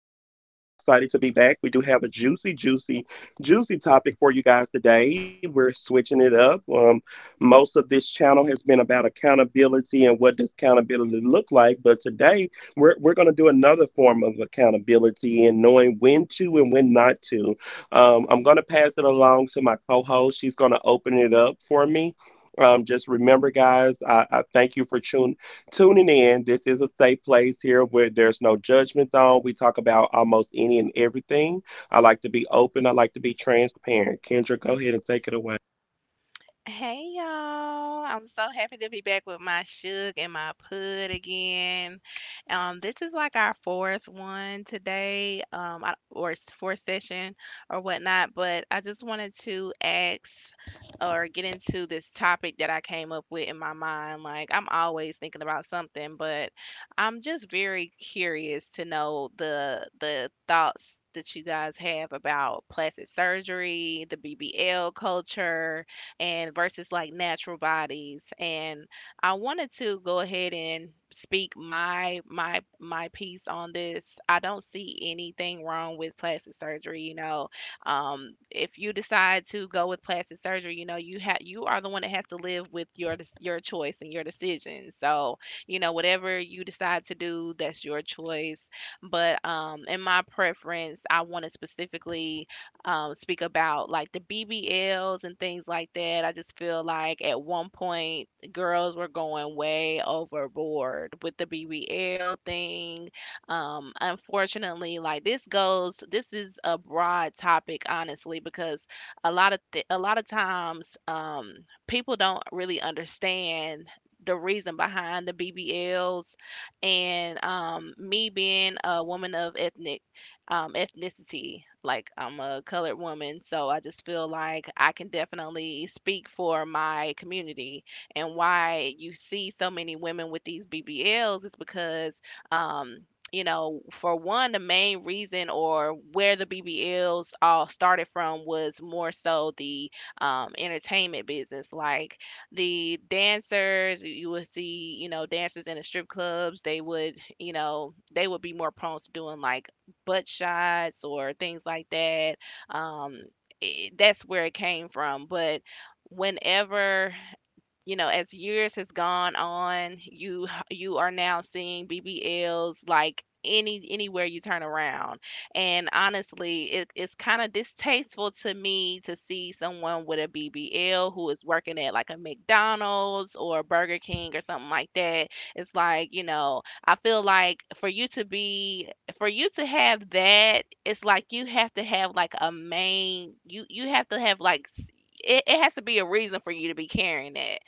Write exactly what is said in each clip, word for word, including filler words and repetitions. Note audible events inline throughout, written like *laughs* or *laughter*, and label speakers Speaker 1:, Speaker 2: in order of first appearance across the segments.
Speaker 1: I'm so excited to be back. We do have a juicy, juicy, juicy topic for you guys today. We're switching it up. Um, most of this channel has been about accountability and what does accountability look like. But today, we're, we're going to do another form of accountability and knowing when to and when not to. Um, I'm going to pass it along to my co host. She's going to open it up for me. Um, just remember, guys, I, I thank you for tuning tuning in. This is a safe place here where there's no judgment zone. We talk about almost any and everything. I like to be open. I like to be transparent. Kendra, go ahead and take it away.
Speaker 2: Hey y'all. I'm so happy to be back with my Suge and my Pud again. Um, this is like our fourth one today, um, I- or s- fourth session or whatnot, but I just wanted to ask or get into this topic that I came up with in my mind. Like, I'm always thinking about something, but I'm just very curious to know the the thoughts that you guys have about plastic surgery, the B B L culture, and versus like natural bodies. And I wanted to go ahead and speak my my my piece on this. I don't see anything wrong with plastic surgery, you know. Um if you decide to go with plastic surgery, you know, you have you are the one that has to live with your dec- your choice and your decision. So, you know, whatever you decide to do, that's your choice. But um in my preference, I wanted specifically um, speak about like the B B Ls and things like that. I just feel like at one point girls were going way overboard with the B B L thing. Um, unfortunately, like this goes, this is a broad topic, honestly, because a lot of th- a lot of times um, people don't really understand the reason behind the B B Ls and um, me being a woman of ethnic um, ethnicity. Like I'm a colored woman, so I just feel like I can definitely speak for my community. And why you see so many women with these B B Ls is because, um, you know, for one, the main reason or where the B B Ls all started from was more so the um, entertainment business. Like the dancers, you you would see, you know, dancers in the strip clubs, they would, you know, they would be more prone to doing like butt shots or things like that. Um, I That's where it came from. But whenever you know, as years has gone on, you you are now seeing B B Ls like any anywhere you turn around. And honestly, it, it's kind of distasteful to me to see someone with a B B L who is working at like a McDonald's or a Burger King or something like that. It's like, you know, I feel like for you to be for you to have that, it's like you have to have like a main you you have to have like s- it, it has to be a reason for you to be carrying that.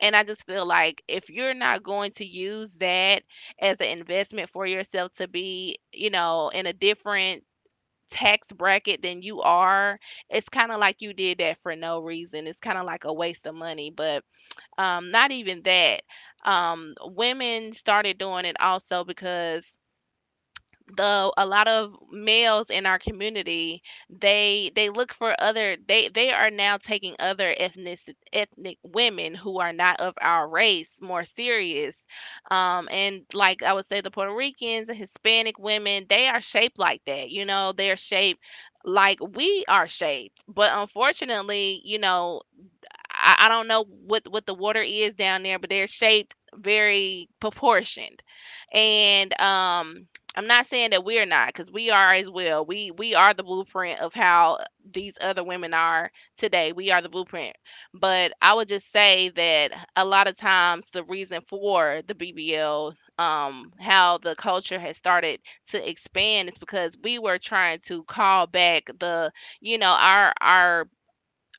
Speaker 2: And I just feel like if you're not going to use that as an investment for yourself to be, you know, in a different tax bracket than you are, it's kind of like you did that for no reason. It's kind of like a waste of money, but um, not even that. Um, women started doing it also because the a lot of males in our community they they look for other they they are now taking other ethnic ethnic women who are not of our race more serious um and like i would say the Puerto Ricans and Hispanic women, they are shaped like that, you know they're shaped like we are shaped, but unfortunately, you know I, I don't know what what the water is down there, but they're shaped very proportioned, and um. I'm not saying that we're not, because we are as well. We we are the blueprint of how these other women are today. We are the blueprint. But I would just say that a lot of times the reason for the B B L, um, how the culture has started to expand is because we were trying to call back the, you know, our our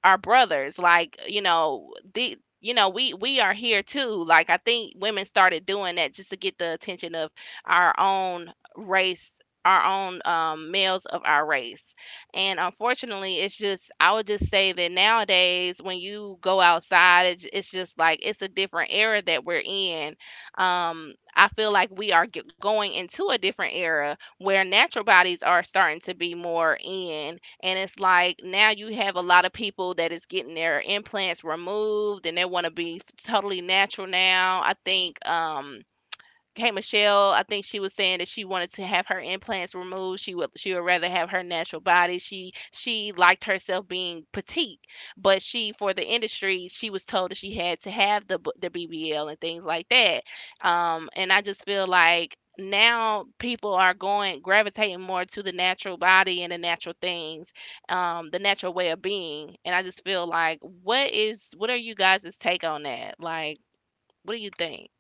Speaker 2: our brothers, like you know the you know we we are here too. Like i think women started doing that just to get the attention of our own race, our own um, males of our race. And unfortunately it's just i would just say that nowadays when you go outside it's, it's just like it's a different era that we're in. Um, i feel like we are g- going into a different era where natural bodies are starting to be more in, and it's like now you have a lot of people that is getting their implants removed and they want to be totally natural now. I think um K. Michelle, I think she was saying that she wanted to have her implants removed. She would she would rather have her natural body. She she liked herself being petite, but she, for the industry, she was told that she had to have the b- the B B L and things like that. Um, and I just feel like now people are going gravitating more to the natural body and the natural things, um, the natural way of being. And I just feel like what is what are you guys' take on that? Like, what do you think?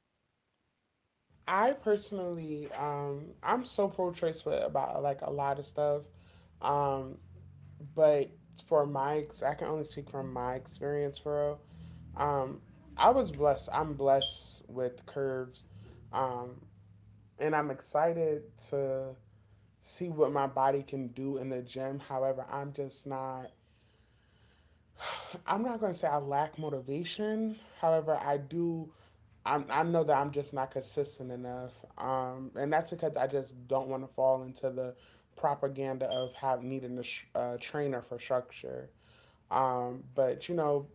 Speaker 3: I personally, um, I'm so pro-choice with about like a lot of stuff, um, but for my, ex- I can only speak from my experience. For real, um, I was blessed. I'm blessed with curves, um, and I'm excited to see what my body can do in the gym. However, I'm just not. I'm not going to say I lack motivation. However, I do. I'm, I know that I'm just not consistent enough. Um, and that's because I just don't want to fall into the propaganda of have needing a, sh- a trainer for structure. Um, but you know,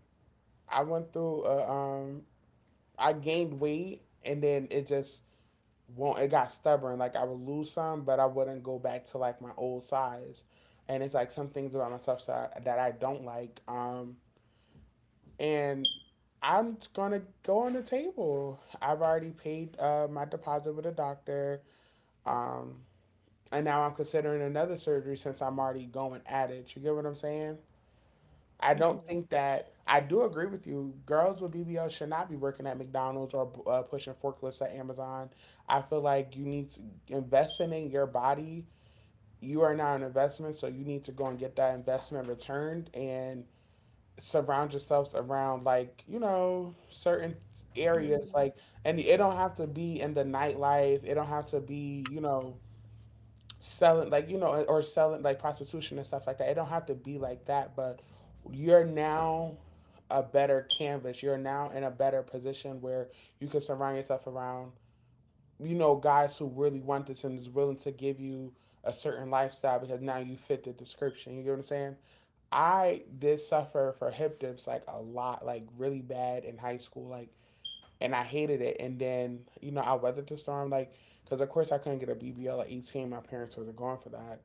Speaker 3: I went through, a, um, I gained weight, and then it just won't, it got stubborn. Like I would lose some, but I wouldn't go back to like my old size. And it's like some things about myself that I, that I don't like. Um, and I'm gonna go on the table. I've already paid uh, my deposit with a doctor, um, and now I'm considering another surgery since I'm already going at it. You get what I'm saying? I don't
Speaker 2: Mhm.
Speaker 3: think that I do agree with you. Girls with B B L should not be working at McDonald's or uh, pushing forklifts at Amazon. I feel like you need to invest in your body. You are now an investment, so you need to go and get that investment returned and surround yourselves around, like, you know certain areas, like,
Speaker 2: Mhm.
Speaker 3: and it don't have to be in the nightlife. It don't have to be, you know selling, like, you know or selling like prostitution and stuff like that. It don't have to be like that, but you're now a better canvas. You're now in a better position where you can surround yourself around, you know guys who really want this and is willing to give you a certain lifestyle, because now you fit the description. You get what I'm saying? I did suffer for hip dips like a lot, like really bad in high school, like, and I hated it. And then, you know, I weathered the storm, like, because of course I couldn't get a B B L at eighteen. My parents wasn't going for that.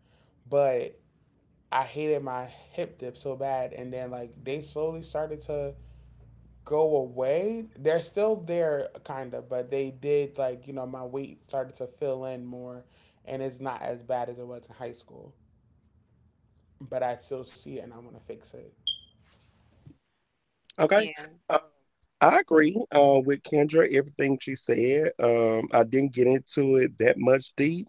Speaker 3: But I hated my hip dip so bad. And then, like, they slowly started to go away. They're still there, kind of, but they did, like, you know, my weight started to fill in more. And it's not as bad as it was in high school. But I still see it and I want to fix it.
Speaker 1: Okay.
Speaker 2: Yeah.
Speaker 1: Um, I agree uh, with Kendra, everything she said. Um, I didn't get into it that much deep.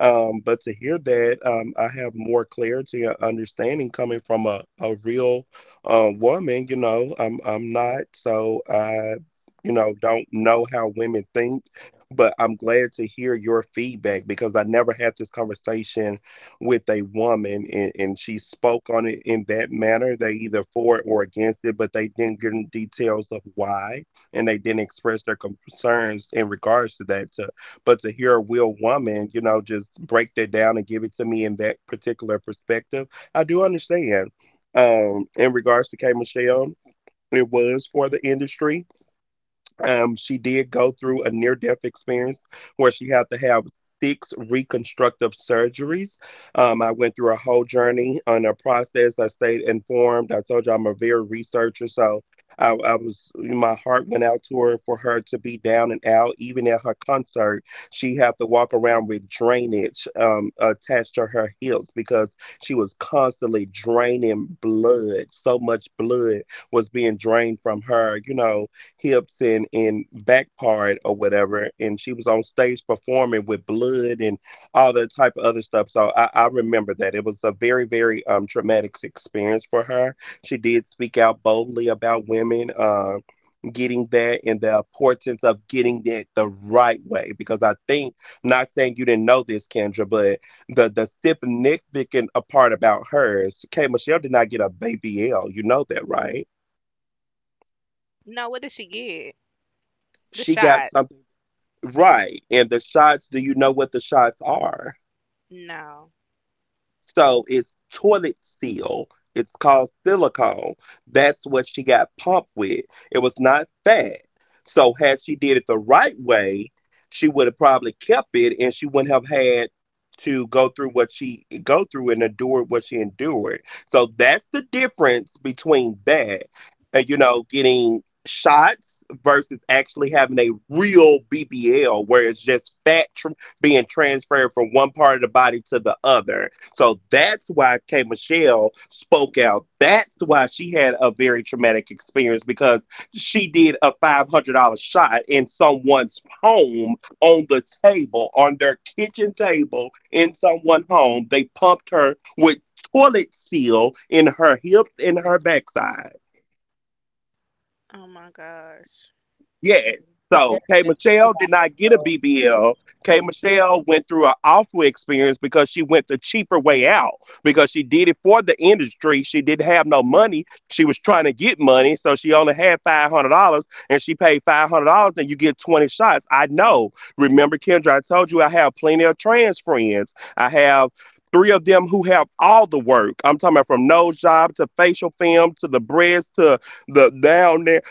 Speaker 1: Um, but to hear that, um, I have more clarity and understanding coming from a, a real uh, woman, you know, I'm I'm not, so I, you know, don't know how women think, but I'm glad to hear your feedback because I never had this conversation with a woman, and, and she spoke on it in that manner. They either for it or against it, but they didn't give details of why and they didn't express their concerns in regards to that. To but to hear a real woman, you know, just break that down and give it to me in that particular perspective, I do understand. Um, in regards to K Michelle, it was for the industry. Um, she did go through a near death experience where she had to have six reconstructive surgeries. Um, I went through a whole journey on a process. I stayed informed. I told you I'm a very researcher, so I, I was my heart went out to her for her to be down and out. Even at her concert, she had to walk around with drainage um, attached to her hips because she was constantly draining blood. So much blood was being drained from her. You know, hips and and back part or whatever, and she was on stage performing with blood and all that type of other stuff, so i, I remember that it was a very, very um traumatic experience for her. She did speak out boldly about women uh, getting that and the importance of getting that the right way, because I think, not saying you didn't know this, Kendra, but the the significant part about hers, K. Michelle did not get a baby l you know that right?
Speaker 2: No, what did she get? The
Speaker 1: She got
Speaker 2: shot.
Speaker 1: something. Right. And the shots, do you know what the shots are?
Speaker 2: No.
Speaker 1: So it's toilet seal. It's called silicone. That's what she got pumped with. It was not fat. So had she did it the right way, she would have probably kept it, and she wouldn't have had to go through what she go through and endure what she endured. So that's the difference between that and you know getting shots versus actually having a real B B L, where it's just fat tr- being transferred from one part of the body to the other. So that's why K Michelle spoke out. That's why she had a very traumatic experience, because she did a five hundred dollar shot in someone's home on the table, on their kitchen table in someone's home. They pumped her with toilet seal in her hips and her backside.
Speaker 2: Oh my gosh.
Speaker 1: Yes.
Speaker 2: Mm,
Speaker 1: So K Michelle did not get a B B L. K Michelle went through an awful experience because she went the cheaper way out, because she did it for the industry. She didn't have no money. She was trying to get money, so she only had five hundred dollars, and she paid five hundred dollars, and you get twenty shots. I know. Remember, Kendra, I told you I have plenty of trans friends. I have. Three of them who have all the work. I'm talking about from nose job to facial film to the breast to the down there,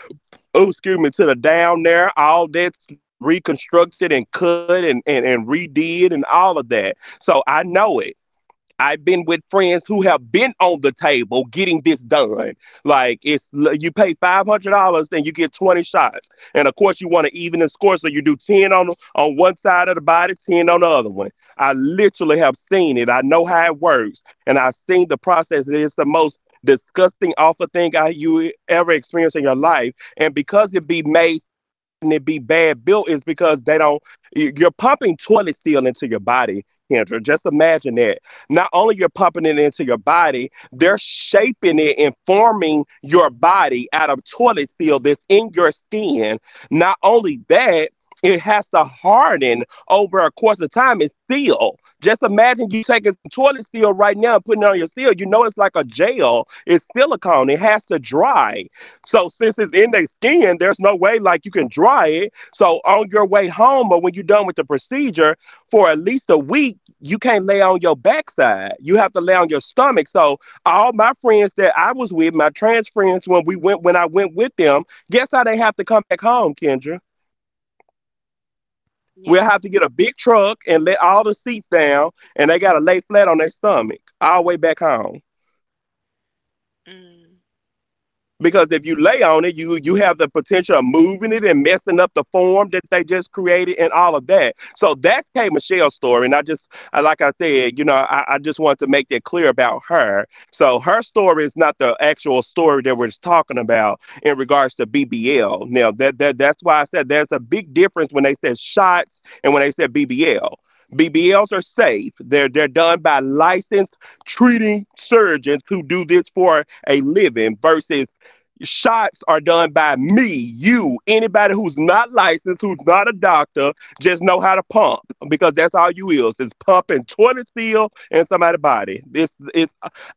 Speaker 1: oh, excuse me, to the down there. All that's been reconstructed and cut, and, and, and redid and all of that. So I know it. I've been with friends who have been on the table getting this done. Like, it's you pay five hundred dollars and you get twenty shots, and of course you want to even the score, so you do ten on on one side of the body, ten on the other one. I literally have seen it. I know how it works, and I've seen the process. It's the most disgusting, awful thing I, you ever experience in your life. And because it be made so bad and it be bad built, is because they don't. you- You're pumping toilet steel into your body, Kendra. Just imagine that not only you're pumping it into your body, they're shaping it and forming your body out of toilet seal that's in your skin. Not only that, it has to harden over a course of time. It's seal. Just imagine you taking some toilet seal right now and putting it on your seal. You know it's like a gel. It's silicone. It has to dry. So since it's in their skin, there's no way like you can dry it. So on your way home or when you're done with the procedure, for at least a week, you can't lay on your backside. You have to lay on your stomach. So all my friends that I was with, my trans friends, when we went when I went with them, guess how they have to come back home, Kendra? We'll
Speaker 2: yeah.
Speaker 1: have to get a big truck and let all the seats down, and they gotta lay flat on their stomach all the way back home.
Speaker 2: Mm,
Speaker 1: Because if you lay on it, you you have the potential of moving it and messing up the form that they just created and all of that. So that's K Michelle's story. And I just I- like I said, you know, I, I just want to make that clear about her. So her story is not the actual story that we're just talking about in regards to B B L. Now that, that that's why I said there's a big difference when they said shots and when they said B B L. B B Ls are safe. They're they're done by licensed treating surgeons who do this for a living, versus shots are done by me, you, anybody who's not licensed, who's not a doctor, just know how to pump, because that's all you is. Is pumping toilet seal in somebody's body. This is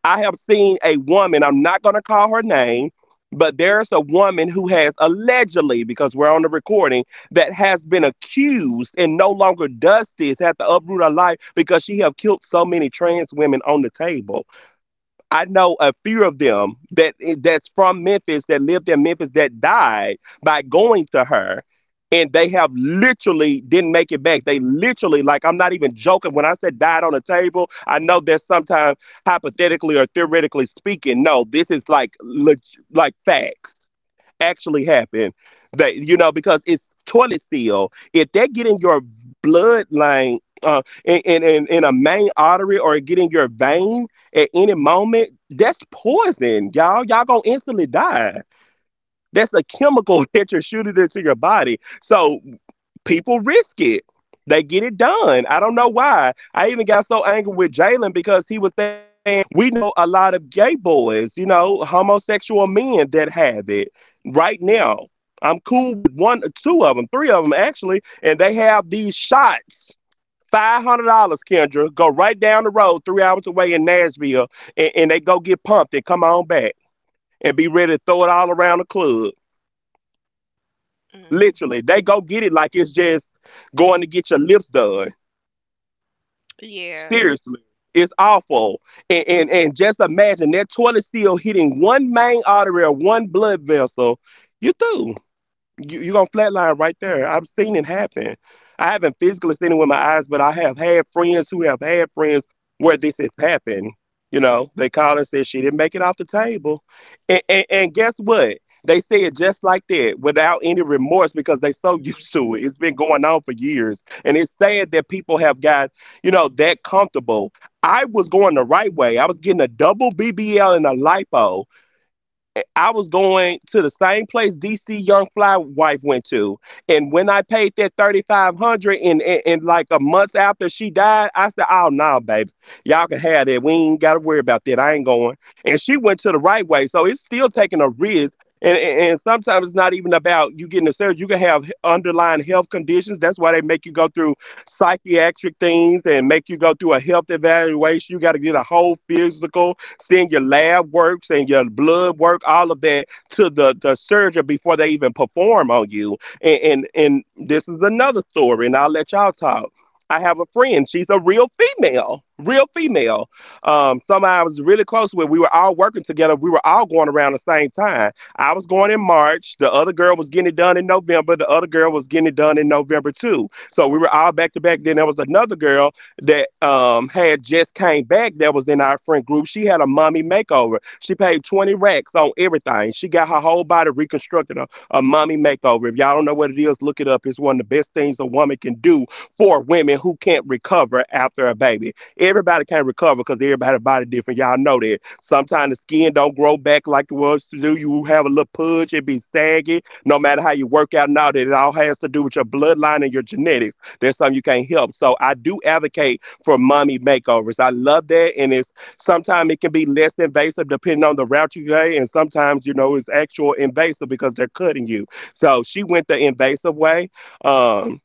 Speaker 1: I have seen a woman, I'm not gonna call her name, but there's a woman who has allegedly, because we're on the recording, that has been accused and no longer does this, has to uproot her life because she have killed so many trans women on the table. I know a few of them that eh, that's from Memphis, that lived in Memphis, that died by going to her, and they have literally didn't make it back. They literally, like, I'm not even joking when I said died on a table. I know that sometimes hypothetically or theoretically speaking, no, this is like leg- like facts actually happened. That you know, because it's toilet seal. If that get in your bloodline, uh, in, in in in a main artery or get in your vein at any moment, that's poison, y'all. Y'all gonna instantly die. That's a chemical *laughs* that you're shooting into your body. So people risk it. They get it done. I don't know why. I even got so angry with Jalen because he was saying we know a lot of gay boys, you know, homosexual men that have it right now. I'm cool with one, two of them, three of them actually, and they have these shots. Five hundred dollars, Kendra. Go right down the road, three hours away in Nashville, and, and they go get pumped and come on back and be ready to throw it all around the club.
Speaker 2: mm,
Speaker 1: Literally, they go get it like it's just going to get your lips done.
Speaker 2: yeah.
Speaker 1: Seriously, it's awful. And, and and just imagine that toilet seal hitting one main artery or one blood vessel. You through, you you gonna flatline right there. I've seen it happen. I haven't physically seen it with my eyes, but I have had friends who have had friends where this has happened. You know, they call and say she didn't make it off the table, and and, and guess what? They say it just like that, without any remorse, because they so *laughs* used to it.
Speaker 2: Mm-hmm.
Speaker 1: It's been going on for years, and it's sad that people have got you know that comfortable. I was going the right way. I was getting a double B B L and a lipo. I was going to the same place D C Young Fly wife went to, and when I paid that thirty five hundred, dollars and, and and like a month after she died, I said, "Oh no, baby, y'all can have that. We ain't got to worry about that. I ain't going." And she went to the right way, so it's still taking a risk. And, and and sometimes it's not even about you getting a surgery. You can have underlying health conditions. That's why they make you go through psychiatric things and make you go through a health evaluation. You got to get a whole physical, send your lab works and your blood work, all of that to the, the surgeon before they even perform on you. And, and and this is another story, and I'll let y'all talk. I have a friend. She's a real female, real female. Um, somebody I was really close with. We were all working together. We were all going around the same time. I was going in March. The other girl was getting it done in November. The other girl was getting it done in November too. So we were all back to back. Then there was another girl that um had just came back that was in our friend group. She had a mommy makeover. She paid twenty racks on everything. She got her whole body reconstructed, a, a mommy makeover. If y'all don't know what it is, look it up. It's one of the best things a woman can do for women who can't recover after a baby. Everybody can't recover because everybody's body different. Y'all know that. Sometimes the skin don't grow back like it was to do. You have a little pudge, it be saggy. No matter how you work out and all that, it all has to do with your bloodline and your genetics. There's some you can't help. So I do advocate for mommy makeovers. I love that. And it's, sometimes it can be less invasive depending on the route you go. And sometimes, you know, it's actual invasive because they're cutting you. So she went the invasive way. Um,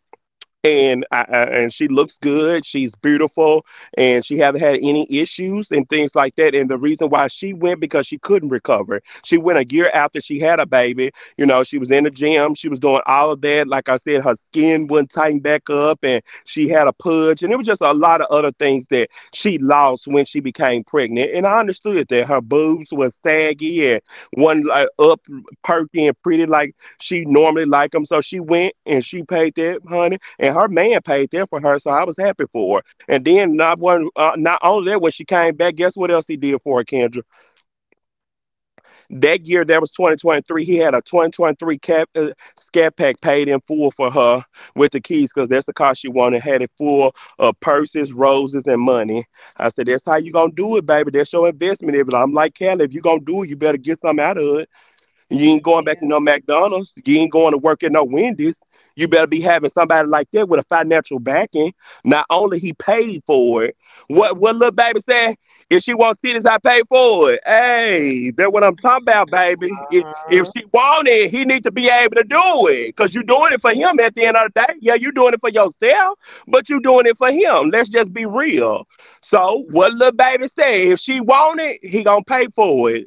Speaker 1: and I, I- and she looks good. She's beautiful, and she haven't had any issues and things like that. And the reason why she went because she couldn't recover. She went a year after she had a baby. You know, she was in the gym. She was doing all of that. Like I said, her skin wouldn't tighten back up, and she had a pudge, and it was just a lot of other things that she lost when she became pregnant. And I understood that her boobs was saggy and one like up, perky and pretty like she normally like them. So she went and she paid that, honey, and her man paid there for her, so I was happy for her. And then not one, uh, not only that, when she came back, guess what else he did for her, Kendra? That year, that was twenty twenty-three. He had a twenty twenty-three cap uh, scat pack paid in full for her with the keys, cause that's the car she wanted. Had it full of purses, roses, and money. I said, that's how you gonna do it, baby. That's your investment. If I'm like Kelly, if you gonna do it, you better get something out of it. You ain't
Speaker 2: Mm,
Speaker 1: going back to
Speaker 2: yeah.
Speaker 1: no McDonald's. You ain't going to work at no Wendy's. You better be having somebody like that with a financial backing. Not only he paid for it. What what little baby said? If she wants titties, I pay for it. Hey, that's what I'm talking about, baby. If,
Speaker 3: Uh
Speaker 1: if
Speaker 3: huh.
Speaker 1: she want it, he need to be able to do it. Cause you you're doing it for him at the end of the day. Yeah, you are doing it for yourself, but you are doing it for him. Let's just be real. So what little baby said? If she want it, he gonna pay for it.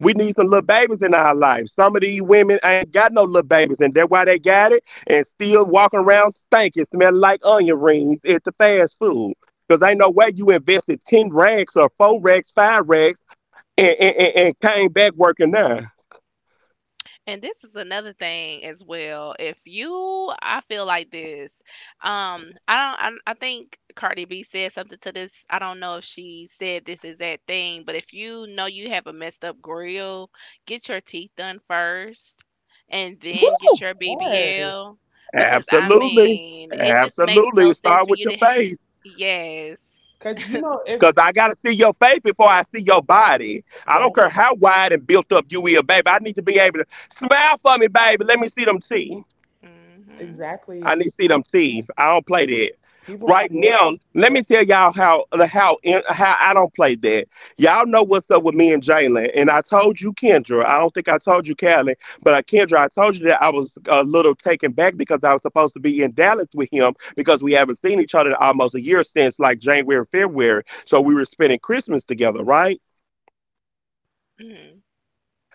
Speaker 1: We need some little babies in our life. Some of these women ain't got no little babies, and that's why they got it and still walking around stinking, smelling like onion rings at the fast food. Because ain't no way you invested ten racks or four racks, five racks, and, and, and, and came back working now.
Speaker 2: And this is another thing as well. If you, I feel like this. Um, I don't. I, I think Cardi B said something to this. I don't know if she said this exact thing, but if you know you have a messed up grill, get your teeth done first, and then get
Speaker 1: Woo!
Speaker 2: your
Speaker 3: Yes.
Speaker 2: B B L. Because I
Speaker 1: Absolutely.
Speaker 2: mean, it just makes
Speaker 1: Absolutely.
Speaker 2: no sense
Speaker 1: Start
Speaker 2: for
Speaker 1: with
Speaker 2: you
Speaker 1: your
Speaker 2: to.
Speaker 1: face.
Speaker 2: Yes.
Speaker 3: Cause you know if
Speaker 1: Because I got to see your face before I see your body. I don't
Speaker 3: exact
Speaker 1: care
Speaker 2: Yeah.
Speaker 1: how wide and built up you is, baby. I need to be able to smile for me, baby. Let me see them teeth.
Speaker 2: Mhm.
Speaker 1: I
Speaker 3: exactly,
Speaker 1: need to see them
Speaker 3: people
Speaker 1: teeth. I don't play that.
Speaker 3: people
Speaker 1: Right
Speaker 3: prioritize
Speaker 1: now, let me
Speaker 3: so.
Speaker 1: tell y'all how how how I don't play that. Y'all know what's up with me and Jalen, and I told you Kendra. I don't think I told you Callie, but uh, Kendra, I told you that I was a little taken back because I was supposed to be in Dallas with him because we haven't seen each other in almost a year since like January, February. So we were spending Christmas together, right?
Speaker 2: Mm.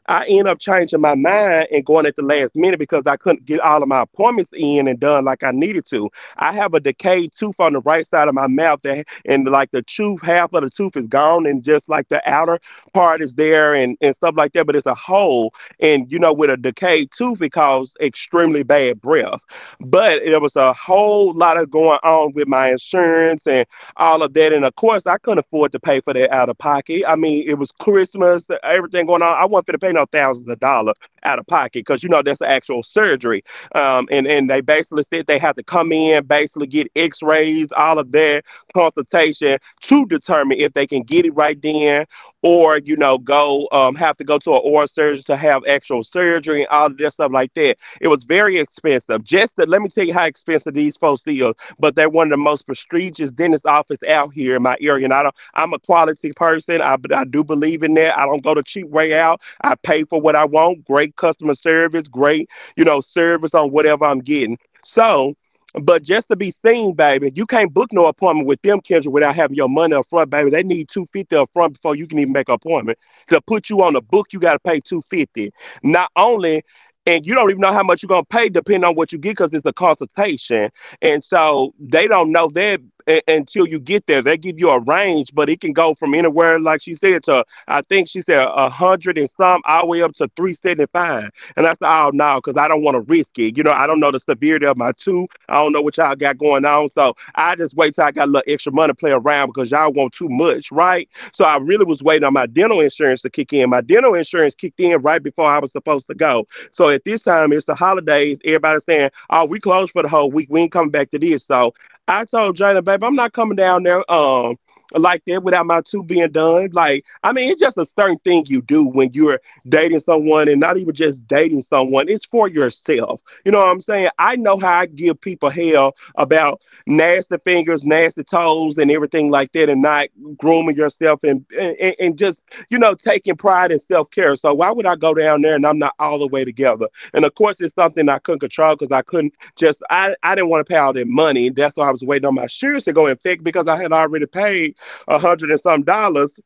Speaker 1: I end up changing my mind and going at the last minute because I couldn't get all of my appointments in and done like I needed to. I have a decayed tooth on the right side of my mouth that, and like the tooth, half of the tooth is gone and just like the outer part is there and, and stuff like that, but it's a hole. And you know, with a decayed tooth, it caused extremely bad breath. But it was a whole lot of going on with my insurance and all of that. And of course, I couldn't afford to pay for that out of pocket. I mean, it was Christmas, everything going on. I wasn't going to pay no thousands of dollars out of pocket because, you know, that's the actual surgery. Um, and, and they basically said they had to come in, basically get x rays, all of that consultation to determine if they can get it right then or, you know, go, um, have to go to an oral surgeon to have actual surgery and all of that stuff like that. It was very expensive. Just that, let me tell you how expensive these folks is, but they're one of the most prestigious dentist office out here in my area. And I don't, I'm a quality person. I, I do believe in that. I don't go the cheap way out. I pay for what I want. Great customer service, great, you know, service on whatever I'm getting. So, but just to be seen, baby, you can't book no appointment with them, Kendra, without having your money up front, baby. They need two fifty up front before you can even make an appointment. To put you on the book, you gotta pay two fifty. Not only, and you don't even know how much you're gonna pay depending on what you get because it's a consultation, and so they don't know that u- until you get there. They give you a range, but it can go from anywhere, like she said, to, I think she said a hundred and some, all the way up to three seventy five. And I said, oh no, because I don't want to risk it. You know, I don't know the severity of my two. I don't know what y'all got going on, so I just wait till I got a little extra money to play around because y'all want too much, right? So I really was waiting on my dental insurance to kick in. My dental insurance kicked in right before I was supposed to go. So at this time, it's the holidays. Everybody's saying, "Oh, we closed for the whole week. We ain't coming back to this." So I told Jada, babe, I'm not coming down there. Um. Like that without my two being done. Like, I mean, it's just a certain thing you do when you're dating someone, and not even just dating someone, it's for yourself. You know what I'm saying? I know how I give people hell about nasty fingers, nasty toes, and everything like that, and not grooming yourself and and, and just, you know, taking pride in self care. So why would I go down there and I'm not all the way together? And of course, it's something I couldn't control because I couldn't just, I, I didn't want to pay all that money. That's why I was waiting on my shoes to go in thick because I had already paid a hundred and some dollars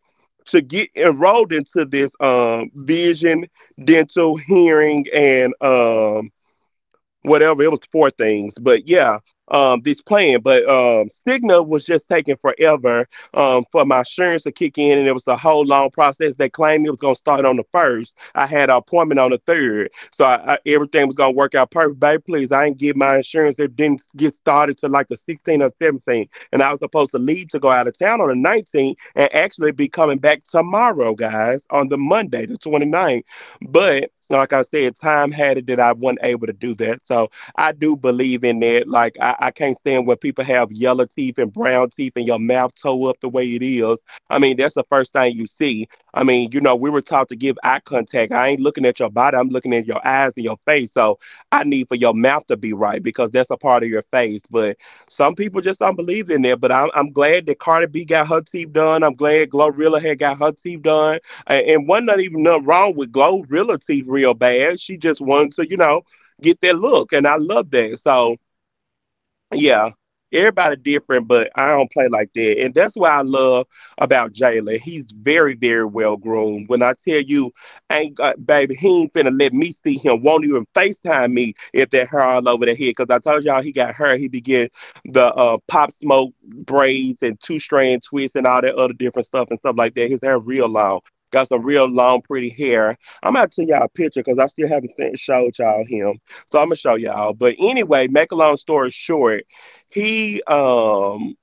Speaker 1: to get enrolled into this um, vision, dental, hearing, and um, whatever. It was four things, but yeah, um, this plan. But um, Cigna was just taking forever, um, for my insurance to kick in, and it was a whole long process. They claimed it was going to start on the first. I had an appointment on the third, so I, I, everything was going to work out perfect. Baby, please, I didn't get my insurance. It didn't get started till like the sixteenth or seventeenth, and I was supposed to leave to go out of town on the nineteenth, and actually be coming back tomorrow, guys, on the Monday, the 29th. But like I said, time had it that I wasn't able to do that. So I do believe in that. Like I, I, can't stand when people have yellow teeth and brown teeth and your mouth toe up the way it is. I mean, that's the first thing you see. I mean, you know, we were taught to give eye contact. I ain't looking at your body, I'm looking at your eyes and your face. So I need for your mouth to be right because that's a part of your face. But some people just don't believe in that. But I'm I'm glad that Cardi B got her teeth done. I'm glad Glorilla had got her teeth done. A- And wasn't nothing even nothing wrong with Glow Realty real bad. She just wanted to, you know, get that look. And I love that. So yeah, everybody different, but I don't play like that, and that's why I love about Jalen. He's very, very well groomed. When I tell you, ain't got, baby, he ain't finna let me see him. Won't even Facetime me if that hair all over the head. Cause I told y'all he got hair. He began the uh, pop smoke braids and two strand twists and all that other different stuff and stuff like that. His hair real long. Got some real long, pretty hair. I'm gonna send y'all a picture because I still haven't sent, showed y'all him. So I'm gonna show y'all. But anyway, make a long story short. He um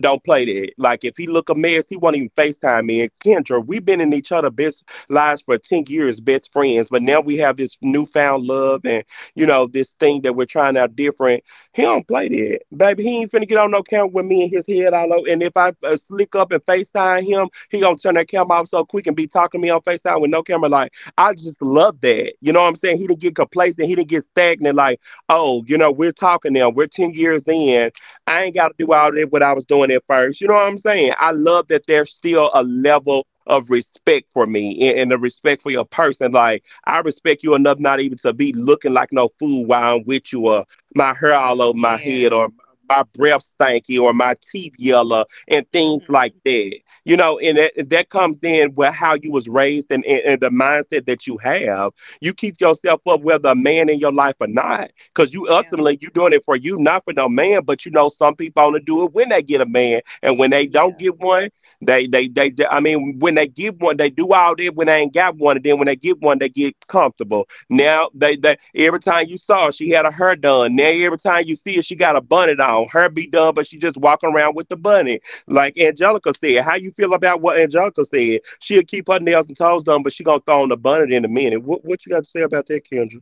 Speaker 1: don't play that. Like if he look a mess, he won't even FaceTime me. And Kendra, we've been in each other best lives for ten years, best friends, but now we have this newfound love and you know, this thing that we're trying out different. He don't play that. Baby, he ain't finna get on no camera with me and his head all over. And if I uh, slick up and FaceTime him, he gonna turn that camera off so quick and be talking to me on FaceTime with no camera. Like, I just love that. You know what I'm saying? He didn't get complacent, he didn't get stagnant, like, oh, you know, we're talking now, we're ten years in. I ain't got to do all that what I was doing at first. You know what I'm saying? I love that there's still a level of respect for me and, and the respect for your person. Like I respect you enough not even to be looking like no fool while I'm with you, or my hair all over my
Speaker 2: Yeah.
Speaker 1: head, or my breath stanky, or my teeth yellow, and things like
Speaker 2: Mhm.
Speaker 1: that. You know, and that, that comes in with how you was raised and, and, and the mindset that you have. You keep yourself up whether a man in your life or not because you
Speaker 2: Yeah.
Speaker 1: ultimately you doing it for you, not for no man. But you know, some people only do it when they get a man, and when they don't
Speaker 2: Yeah.
Speaker 1: get one, they they they. they I mean, when they get one, they do all that when they ain't got one, and then when they get one, they get comfortable. Now they they every time you saw her, she had her hair done. Now every time you see her, she got a bonnet on. Her be done, but she just walking around with the bunny like Angelica said. How you feel about what Angelica said? She'll keep her nails and toes done, but she gonna throw on the bonnet in a minute. What what you got to say about that, Kendra?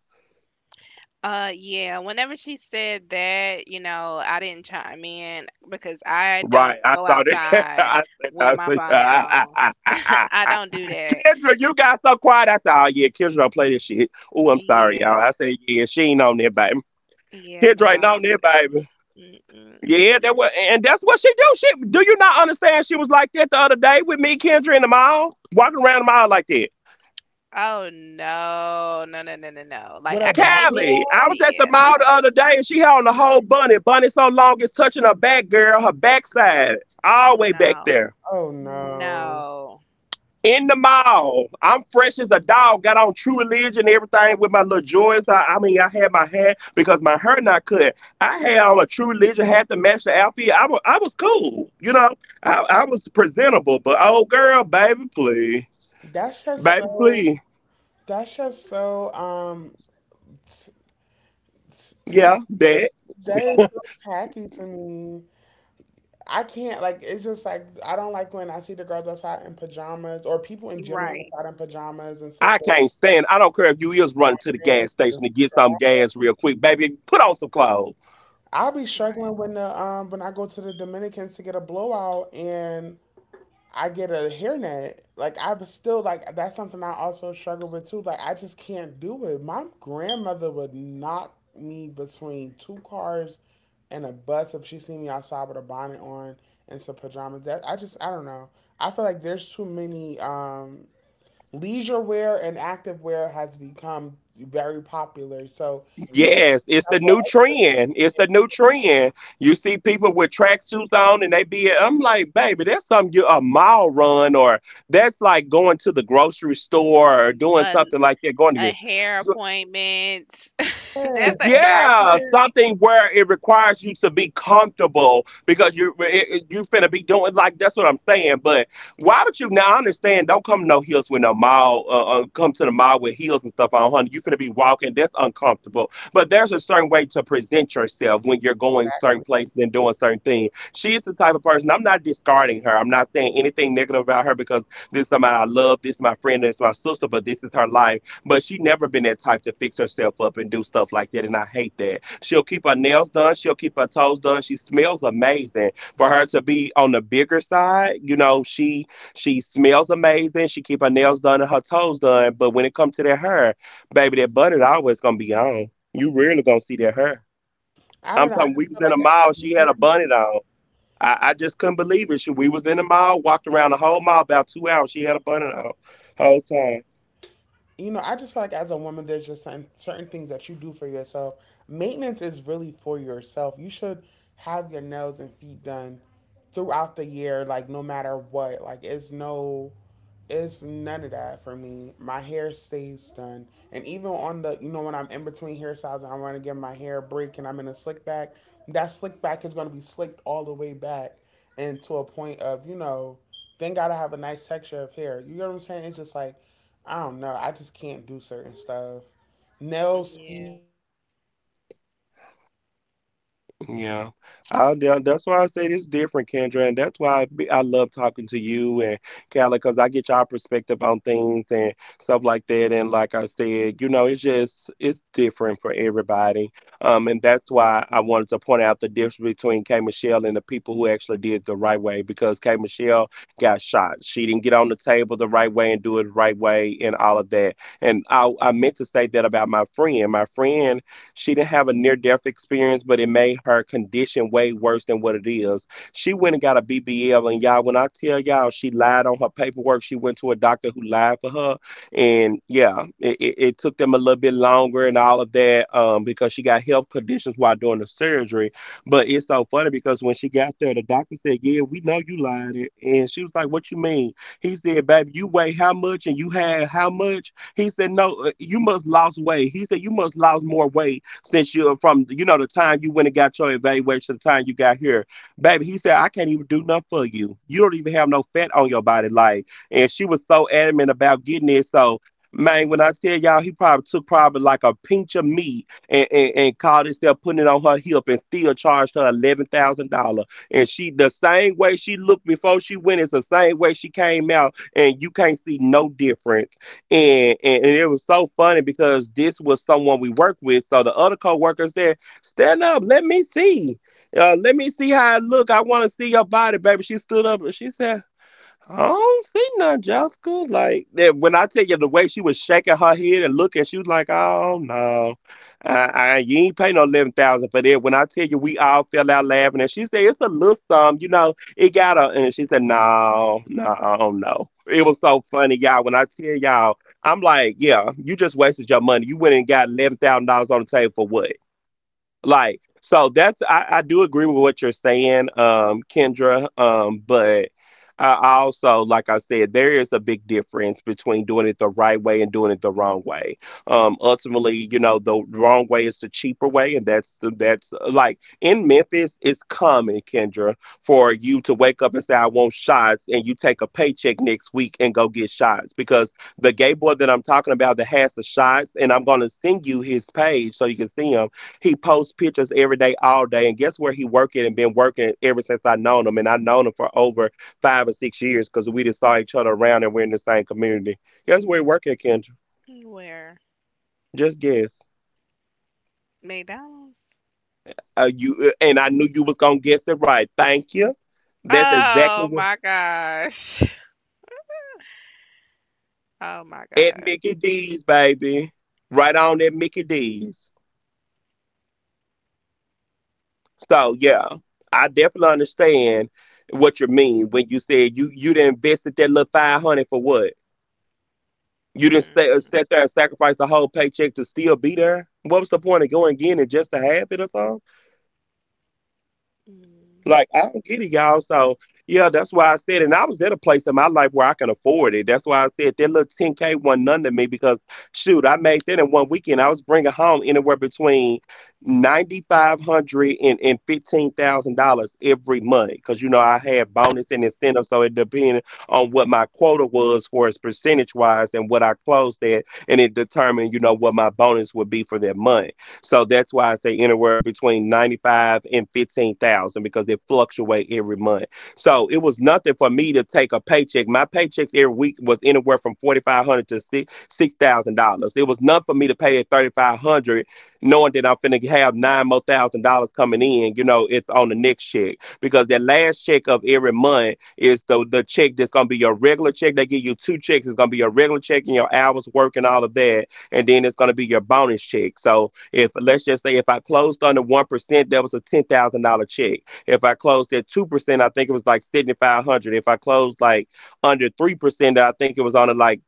Speaker 2: Uh, yeah, whenever she said that, you know, I didn't chime in because I
Speaker 1: Right,
Speaker 2: don't
Speaker 1: I
Speaker 2: go
Speaker 1: saw that. *laughs*
Speaker 2: outside
Speaker 1: I
Speaker 2: with my
Speaker 1: said,
Speaker 2: bonnet
Speaker 1: I
Speaker 2: on. I
Speaker 1: said,
Speaker 2: don't do
Speaker 1: *laughs*
Speaker 2: that.
Speaker 1: Kendra, you got so quiet. I said, oh yeah, Kendra don't play this shit. Oh, I'm sorry,
Speaker 2: Yeah.
Speaker 1: y'all. I said, yeah, she ain't on there, baby.
Speaker 2: Yeah, no.
Speaker 1: Kendra ain't
Speaker 2: I
Speaker 1: on
Speaker 2: don't do-,
Speaker 1: there,
Speaker 2: not,
Speaker 1: baby.
Speaker 2: mm, mm.
Speaker 1: Yeah, that was, and that's what she do. She, do you not understand? She was like that the other day with me, Kendra, in the mall, walking around the mall like that.
Speaker 2: Oh no. No, no, no, no, no. Like
Speaker 3: What
Speaker 2: I
Speaker 3: a
Speaker 2: could see if
Speaker 3: body
Speaker 1: Callie,
Speaker 2: you
Speaker 1: I
Speaker 3: on?
Speaker 1: was at the
Speaker 2: Yeah,
Speaker 1: mall
Speaker 3: What—
Speaker 1: the
Speaker 2: no.
Speaker 1: other day, and she had on the whole bunny. Bunny so long it's touching her back, girl, her backside, all the way back
Speaker 2: No.
Speaker 1: there.
Speaker 3: oh no,
Speaker 2: No.
Speaker 1: In the mall. I'm fresh as a dog. Got on True Religion, everything with my little joints. I, I mean, I had my hair because my hair not cut. I had on a True Religion had to match the outfit. I was, I was cool, you know. I, I was presentable, but oh girl, baby, please,
Speaker 3: that's just
Speaker 1: baby,
Speaker 3: so,
Speaker 1: please,
Speaker 3: that's just so, um t- t- tacky.
Speaker 1: yeah, that.
Speaker 3: That is so tacky to me. I can't, like, it's just like I don't like when I see the girls outside in pajamas, or people in general
Speaker 2: Right.
Speaker 3: outside in pajamas and
Speaker 1: I
Speaker 3: slippers and
Speaker 1: can't stand it. I don't care if you is running to the gas
Speaker 3: pants. And
Speaker 1: station to get some gas real quick, baby. Put on some clothes.
Speaker 3: I'll be
Speaker 2: Right.
Speaker 3: struggling when the um when I go to the Dominicans to get a blowout and I get a hairnet, like, I'm still like, that's something I also struggle with too. Like, I just can't do it. My grandmother would knock me between two cars and a bus if she see me outside with a bonnet on and some pajamas. That, I just I don't know. I feel like there's too many, um leisure wear and active wear has become very popular. So you could
Speaker 1: Yes, it's the
Speaker 3: double
Speaker 1: new
Speaker 3: extra.
Speaker 1: trend. It's the new trend. You see people with tracksuits on and they be, I'm like, baby, that's something you a mile run or that's like going to the grocery store or doing
Speaker 2: A
Speaker 1: something like that. Going
Speaker 2: a
Speaker 1: to,
Speaker 2: hair appointment. *laughs* That's
Speaker 3: Yes,
Speaker 2: a
Speaker 3: like
Speaker 2: hair
Speaker 3: I
Speaker 1: yeah,
Speaker 3: feel
Speaker 2: appointment.
Speaker 1: something where it requires you to be comfortable because you it- it- you finna be doing like that's what I'm saying. But why would you now? I understand. Don't come no heels with no mile. Uh, uh, come to the mile with heels and stuff on, honey. You finna be walking. That's uncomfortable. But there's a certain way to present yourself when you're going certain
Speaker 3: exactly.
Speaker 1: places and doing certain things. She is the type of person. I'm not discarding her. I'm not saying anything negative about her because this is somebody I love. This is my friend. This is my sister. But this is her life, but she never been that type to fix herself up and do stuff like that, and I hate that. She'll keep her nails done, she'll keep her toes done. She smells amazing. For her to be on the bigger side, you know, she she smells amazing. She keep her nails done and her toes done. But when it comes to that hair, baby, that bunnet always gonna be on. You really gonna see that hair.
Speaker 3: I don't
Speaker 1: I'm
Speaker 3: know.
Speaker 1: talking.
Speaker 3: I
Speaker 1: We
Speaker 3: just
Speaker 1: was
Speaker 3: feel
Speaker 2: Mm,
Speaker 1: in
Speaker 3: like
Speaker 1: a
Speaker 3: as
Speaker 1: mall.
Speaker 3: a
Speaker 1: She had a
Speaker 3: woman,
Speaker 1: bunnet on. I, I just couldn't believe it. She, we was in the mall, walked around the whole mall about two hours. She had a bunnet on whole time.
Speaker 3: you know, I just feel like as a woman, there's just certain, certain things that you do for yourself. Maintenance is really for yourself. You should have your nails and feet done throughout the year, like no matter what. Like, it's no, it's none of that for me. My hair stays done, and even on the, you know, when I'm in between hairstyles and I want to give my hair a break and I'm in a slick back, that slick back is gonna be slicked all the way back, and to a point of, you know, then gotta have a nice texture of hair. You know what I'm saying? It's just like I don't know. I just can't do certain stuff. Nails, feet.
Speaker 2: yeah.
Speaker 1: Yeah, I, tha- that's why I say it's different, Kendra, and that's why I, be, I love talking to you and Callie, because I get y'all perspective on things and stuff like that. And like I said, you know, it's just it's different for everybody. Um, and that's why I wanted to point out the difference between K Michelle and the people who actually did it the right way, because K Michelle got shot. She didn't get on the table the right way and do it the right way and all of that. And I I meant to say that about my friend. My friend. She didn't have a near death experience, but it made her condition way worse than what it is. She went and got a B B L, and y'all, when I tell y'all, she lied on her paperwork. She went to a doctor who lied for her, and yeah, it, it, it took them a little bit longer and all of that um, because she got health conditions while doing the surgery. But it's so funny because when she got there, the doctor said, "Yeah, we know you lied," and she was like, "What you mean?" He said, "Baby, you weigh how much and you had how much?" He said, "No, uh, you must lost weight." He said, "You must lost more weight since you're from you know the time you went and got your evaluation, the time you got here, baby." He said, "I can't even do nothing for you. You don't even have no fat on your body." Like, and she was so adamant about getting it. So, man, when I tell y'all, he probably took probably like a pinch of meat and and, and called himself putting it on her hip and still charged her eleven thousand dollars. And she the same way she looked before she went is the same way she came out, and you can't see no difference. And, and and it was so funny because this was someone we worked with. So the other co-workers there, stand up, let me see. Uh, let me see how I look. I want to see your body, baby. She stood up and she said, I don't see none, Jessica. Like that when I tell you the way she was shaking her head and looking, she was like, "Oh no, I, I, you ain't pay no eleven thousand for that." When I tell you, we all fell out laughing, and she said, "It's a little sum, you know." It got her, and she said, "No, no, no." It was so funny, y'all. When I tell y'all, I'm like, "Yeah, you just wasted your money. You went and got eleven thousand dollars on the table for what?" Like, so that's I, I do agree with what you're saying, um, Kendra. Um, but I I also, like I said, there is a big difference between doing it the right way and doing it the wrong way. Um, ultimately, you know, the wrong way is the cheaper way, and that's the that's uh, like in Memphis, it's common, Kendra, for you to wake up and say, I want shots, and you take a paycheck next week and go get shots because the gay boy that I'm talking about that has the shots, and I'm gonna send you his page so you can see him, he posts pictures every day, all day. And guess where he working and been working ever since I known him. And I known him for over five or six years because we just saw each other around and we're in the same community. Guess where he working, Kendra?
Speaker 2: Where?
Speaker 1: Just guess.
Speaker 2: McDonald's?
Speaker 1: Uh, you uh, and I knew you was gonna guess it right. Thank you. That's exactly
Speaker 2: Oh
Speaker 1: what,
Speaker 2: my gosh. *laughs* Oh my
Speaker 1: at
Speaker 2: God.
Speaker 1: Mickey D's, baby. Right on at Mickey D's. So yeah, I definitely understand what you mean when you said you you done invested that little five hundred for what? You didn't stay, uh,
Speaker 2: Mm-mm.
Speaker 1: sat there and sacrificed the whole paycheck to still be there. What was the point of going again and just to have it or something?
Speaker 2: Mm.
Speaker 1: Like I don't get it, y'all. So yeah, that's why I said, and I was at a place in my life where I can afford it. That's why I said that little ten k wasn't none to me because shoot, I made that in one weekend. I was bringing home anywhere between ninety-five hundred and fifteen thousand dollars every month because you know I had bonus and incentive, so it depended on what my quota was for as percentage wise and what I closed at, and it determined you know what my bonus would be for that month. So that's why I say anywhere between ninety-five and fifteen thousand because it fluctuate every month. So it was nothing for me to take a paycheck. My paychecks every week was anywhere from forty-five hundred to six thousand dollars. It was nothing for me to pay at thirty-five hundred knowing that I'm finna have nine more thousand dollars coming in, you know, it's on the next check. Because that last check of every month is the the check that's gonna be your regular check. They give you two checks. It's gonna be your regular check and your hours work and all of that, and then it's gonna be your bonus check. So if, let's just say if I closed under one percent, that was a ten thousand dollar check. If I closed at two percent, I think it was like seventy five hundred. If I closed like under three percent, I think it was on a like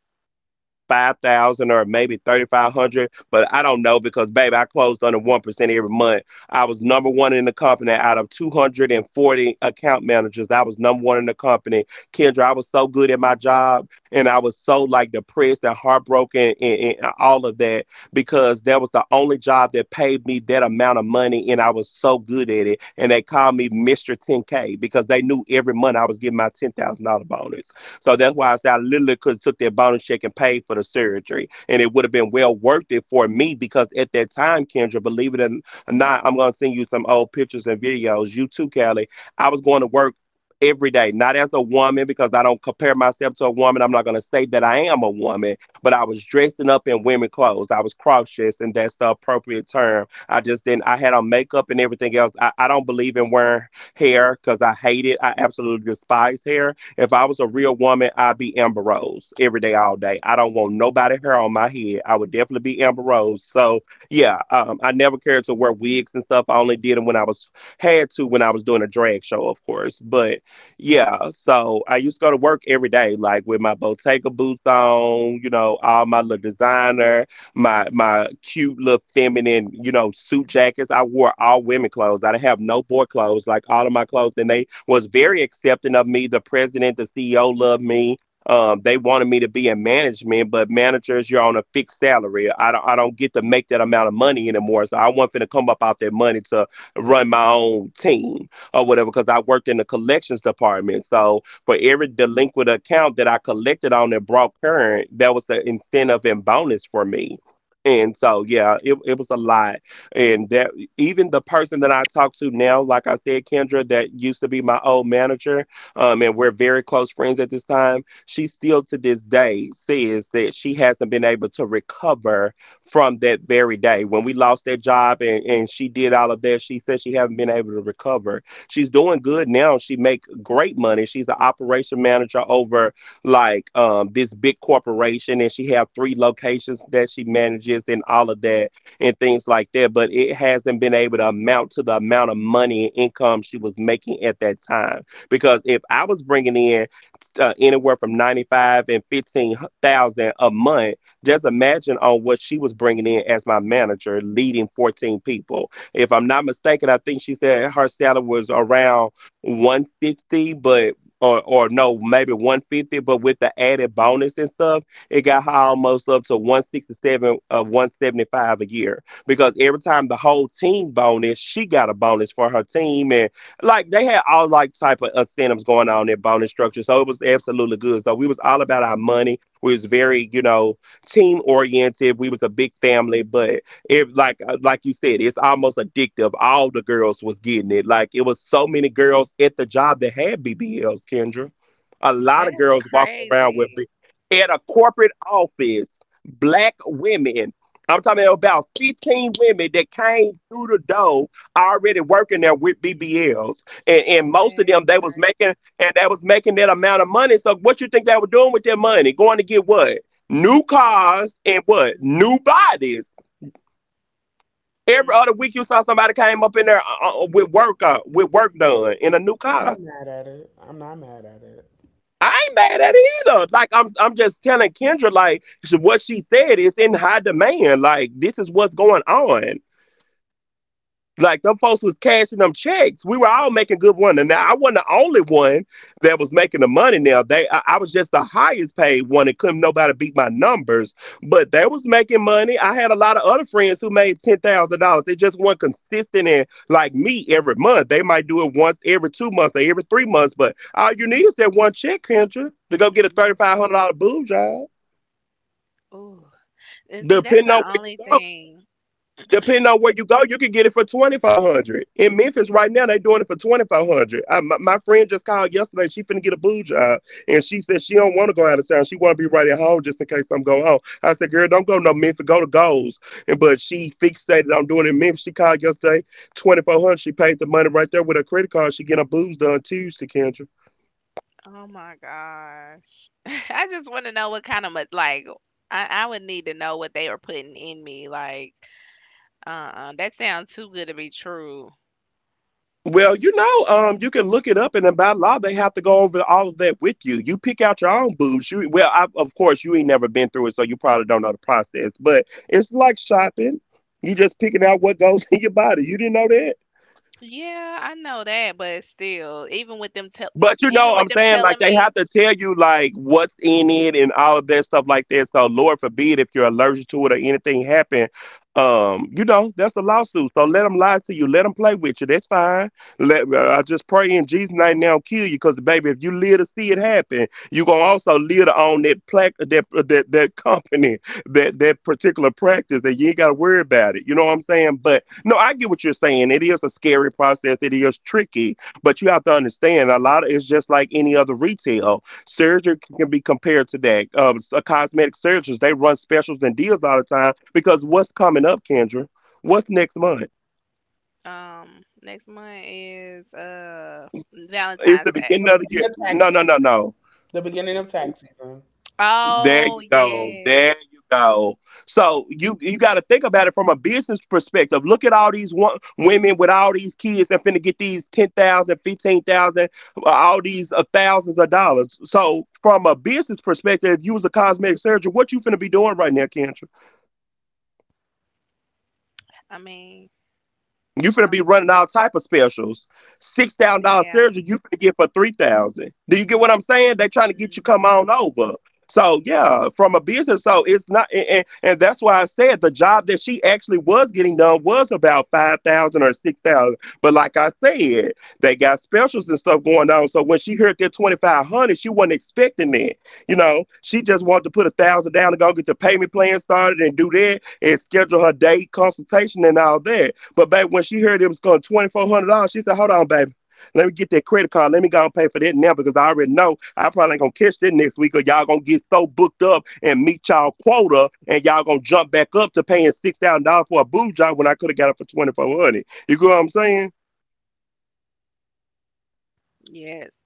Speaker 1: five thousand or maybe thirty five hundred, but I don't know because baby, I closed under one percent every month. I was number one in the company out of two hundred and forty account managers. I was number one in the company. Kendra, I was so good at my job, and I was so like depressed and heartbroken and, and all of that because that was the only job that paid me that amount of money, and I was so good at it. And they called me Mister Ten K because they knew every month I was getting my ten thousand dollar bonus. So that's why I said I literally could have took that bonus check and paid for the surgery. And it would have been well worth it for me because at that time, Kendra, believe it or not, I'm gonna send you some old pictures and videos. You too, Callie. I was going to work every day, not as a woman, because I don't compare myself to a woman. I'm not gonna say that I am a woman, but I was dressing up in women clothes. I was cross dressed, and that's the appropriate term. I just didn't, I had on makeup and everything else. I, I don't believe in wearing hair because I hate it. I absolutely despise hair. If I was a real woman, I'd be Amber Rose every day, all day. I don't want nobody hair on my head. I would definitely be Amber Rose. So yeah, um, I never cared to wear wigs and stuff. I only did them when I was, had to when I was doing a drag show, of course. But yeah, so I used to go to work every day, like with my Bottega boots on, you know, all my little designer, my my cute little feminine, you know, suit jackets. I wore all women clothes. I didn't have no boy clothes. Like all of my clothes, and they was very accepting of me. The president, the C E O loved me. Um, they wanted me to be in management, but managers, you're on a fixed salary. I don't, I don't get to make that amount of money anymore. So I wasn't finna come up out that money to run my own team or whatever, because I worked in the collections department. So for every delinquent account that I collected on and brought current, that was the incentive and bonus for me. And so, yeah, it, it was a lot. And that, even the person that I talk to now, like I said, Kendra, that used to be my old manager, um, and we're very close friends at this time, she still to this day says that she hasn't been able to recover from that very day. When we lost that job and, and she did all of that, she said she hasn't been able to recover. She's doing good now. She make great money. She's an operation manager over like um this big corporation and she have three locations that she manages and all of that and things like that. But it hasn't been able to amount to the amount of money and income she was making at that time. Because if I was bringing in uh, anywhere from ninety five and fifteen thousand a month, just imagine on what she was bringing in as my manager, leading fourteen people. If I'm not mistaken, I think she said her salary was around one sixty, but or or no, maybe one fifty, but with the added bonus and stuff it got her almost up to one sixty-seven of one seventy-five a year because every time the whole team bonus, she got a bonus for her team, and like they had all like type of incentives going on in bonus structure, so it was absolutely good. So we was all about our money. We was very, you know, team oriented. We was a big family, but it like uh, like you said, it's almost addictive. All the girls was getting it. Like it was so many girls at the job that had B B Ls, Kendra. A lot of
Speaker 2: That's
Speaker 1: girls walking around with,
Speaker 2: crazy.
Speaker 1: at a corporate office, black women. I'm talking about fifteen women that came through the door already working there with B B Ls. And, and most of them
Speaker 2: That's
Speaker 1: they was
Speaker 2: crazy.
Speaker 1: making, and they was making that amount of money. So what you think they were doing with their money? Going to get what? New
Speaker 2: Mo-
Speaker 1: cars and what? New
Speaker 2: Mm,
Speaker 1: bodies. Every other
Speaker 2: mm,
Speaker 1: week you saw somebody came up in there uh, uh, with work uh, with work done in a new
Speaker 3: I'm
Speaker 1: car.
Speaker 3: not mad at it. I'm not mad at it.
Speaker 1: I ain't mad at it either. Like I'm I'm just telling Kendra like so what she said is in high demand. Like this is what's going on. Like them folks was cashing them checks. We were all making good money. Now I wasn't the only one that was making the money. Now they, I, I was just the highest paid one, and couldn't nobody beat my numbers. But they was making money. I had a lot of other friends who made ten thousand dollars. They just weren't consistent and like me every month. They might do it once every two months or every three months. But all you need is that one check, Kendra, to go get a thirty
Speaker 2: mm.
Speaker 1: five hundred dollar boob job.
Speaker 2: Ooh. And see, that's
Speaker 1: Depending on
Speaker 2: the
Speaker 1: where you
Speaker 2: only
Speaker 1: go.
Speaker 2: thing.
Speaker 1: Depending on where you go, you can get it for twenty four hundred. In Memphis right now, they doing it for twenty five hundred. My, my friend just called yesterday. She finna get a boo job, and she said she don't want to go out of town. She want to be right at home just in case I'm going home. I said, girl, don't go no Memphis. Go to Goals. And but she fixated on doing it in Memphis. She called yesterday twenty four hundred. She paid the money right there with her credit card. She getting her boobs done Tuesday, Kendra.
Speaker 2: Oh my gosh. *laughs* I just want to know what kind of ma- like I, I would need to know what they were putting in me. Like, uh-uh, that sounds too good to be true.
Speaker 1: Well, you know, um, you can look it up, and by law, they have to go over all of that with you. You pick out your own boobs. You, well, I, of course, you ain't never been through it, so you probably don't know the process. But it's like shopping. You just picking out what goes *laughs* in your body. You didn't know that?
Speaker 2: Yeah, I know that, but still, even with them tell
Speaker 1: But you know,
Speaker 2: even with
Speaker 1: I'm
Speaker 2: them
Speaker 1: saying like
Speaker 2: telling
Speaker 1: they
Speaker 2: me.
Speaker 1: have to tell you like what's in it and all of that stuff like that. So Lord forbid if you're allergic to it or anything happen, um, you know that's a lawsuit. So let them lie to you, let them play with you. That's fine. Let uh, I just pray in Jesus' name now kill you, because baby, if you live to see it happen, you gonna also live to own that plaque, that uh, that that company, that that particular practice, that you ain't gotta worry about it. You know what I'm saying? But no, I get what you're saying. It is a scary process. It is tricky, but you have to understand, a lot of it's just like any other retail. Surgery can be compared to that. Um, uh, cosmetic surgeons, they run specials and deals all the time because what's coming up, Kendra? What's next month?
Speaker 2: Um, next month is uh
Speaker 1: It's the
Speaker 2: Valentine's Day.
Speaker 1: beginning
Speaker 3: The
Speaker 1: of the year.
Speaker 3: beginning of
Speaker 1: No,
Speaker 3: tax,
Speaker 1: no, no, no.
Speaker 3: the beginning of tax season.
Speaker 1: There
Speaker 2: Oh
Speaker 1: you go.
Speaker 2: yes.
Speaker 1: There you go. So you you got to think about it from a business perspective. Look at all these wo- women with all these kids that finna get these ten thousand, fifteen thousand, uh, all these uh, thousands of dollars. So from a business perspective, if you was a cosmetic surgeon, what you finna be doing right now, Kendra?
Speaker 2: I mean,
Speaker 1: You finna be
Speaker 2: um,
Speaker 1: running all type of specials. Six thousand dollar
Speaker 2: yeah.
Speaker 1: surgery you finna get for three thousand. Do you get what I'm saying? They trying to get you come
Speaker 2: Hmm.
Speaker 1: on over. So yeah, from a business, so it's not, and, and, and that's why I said the job that she actually was getting done was about five thousand or six thousand. But like I said, they got specials and stuff going on. So when she heard that twenty five hundred, she wasn't expecting that. You know, she just wanted to put a thousand down and go get the payment plan started and do that and schedule her day consultation and all that. But baby, when she heard it was going twenty four hundred dollars, she said, "Hold on, baby, let me get that credit card. Let me go and pay for that now because I already know I probably ain't gonna catch that next week, or y'all gonna get so booked up and meet y'all quota, and y'all gonna jump back up to paying six thousand dollars for a boob job when I could have got it for twenty four hundred dollars. You get what I'm saying?
Speaker 2: Yes.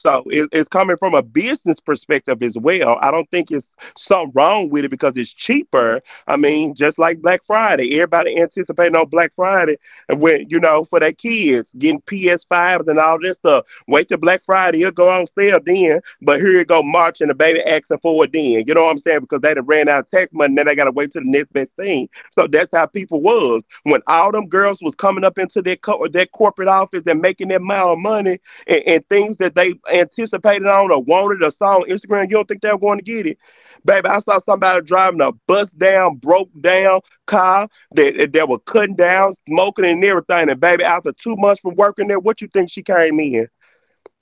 Speaker 1: So it, it's coming from a business perspective as well. I don't think it's something wrong with it because it's cheaper. I mean, just like Black Friday, everybody anticipating on Black Friday, and when you know for their kids getting P S fives and all this stuff. Wait till Black Friday, it'll go on sale then. But here you go, March, and the baby asking for it then. You know what I'm saying? Because they done ran out of tax money, now they gotta wait till the next best thing. So that's how people was when all them girls was coming up into their co- their corporate office and making that amount of money, and, and things that they anticipated on or wanted or saw on Instagram, you don't think they're going to get it. Baby, I saw somebody driving a bust down, broke down car that that they were cutting down, smoking and everything. And baby, after two months from working there, what you think she came in?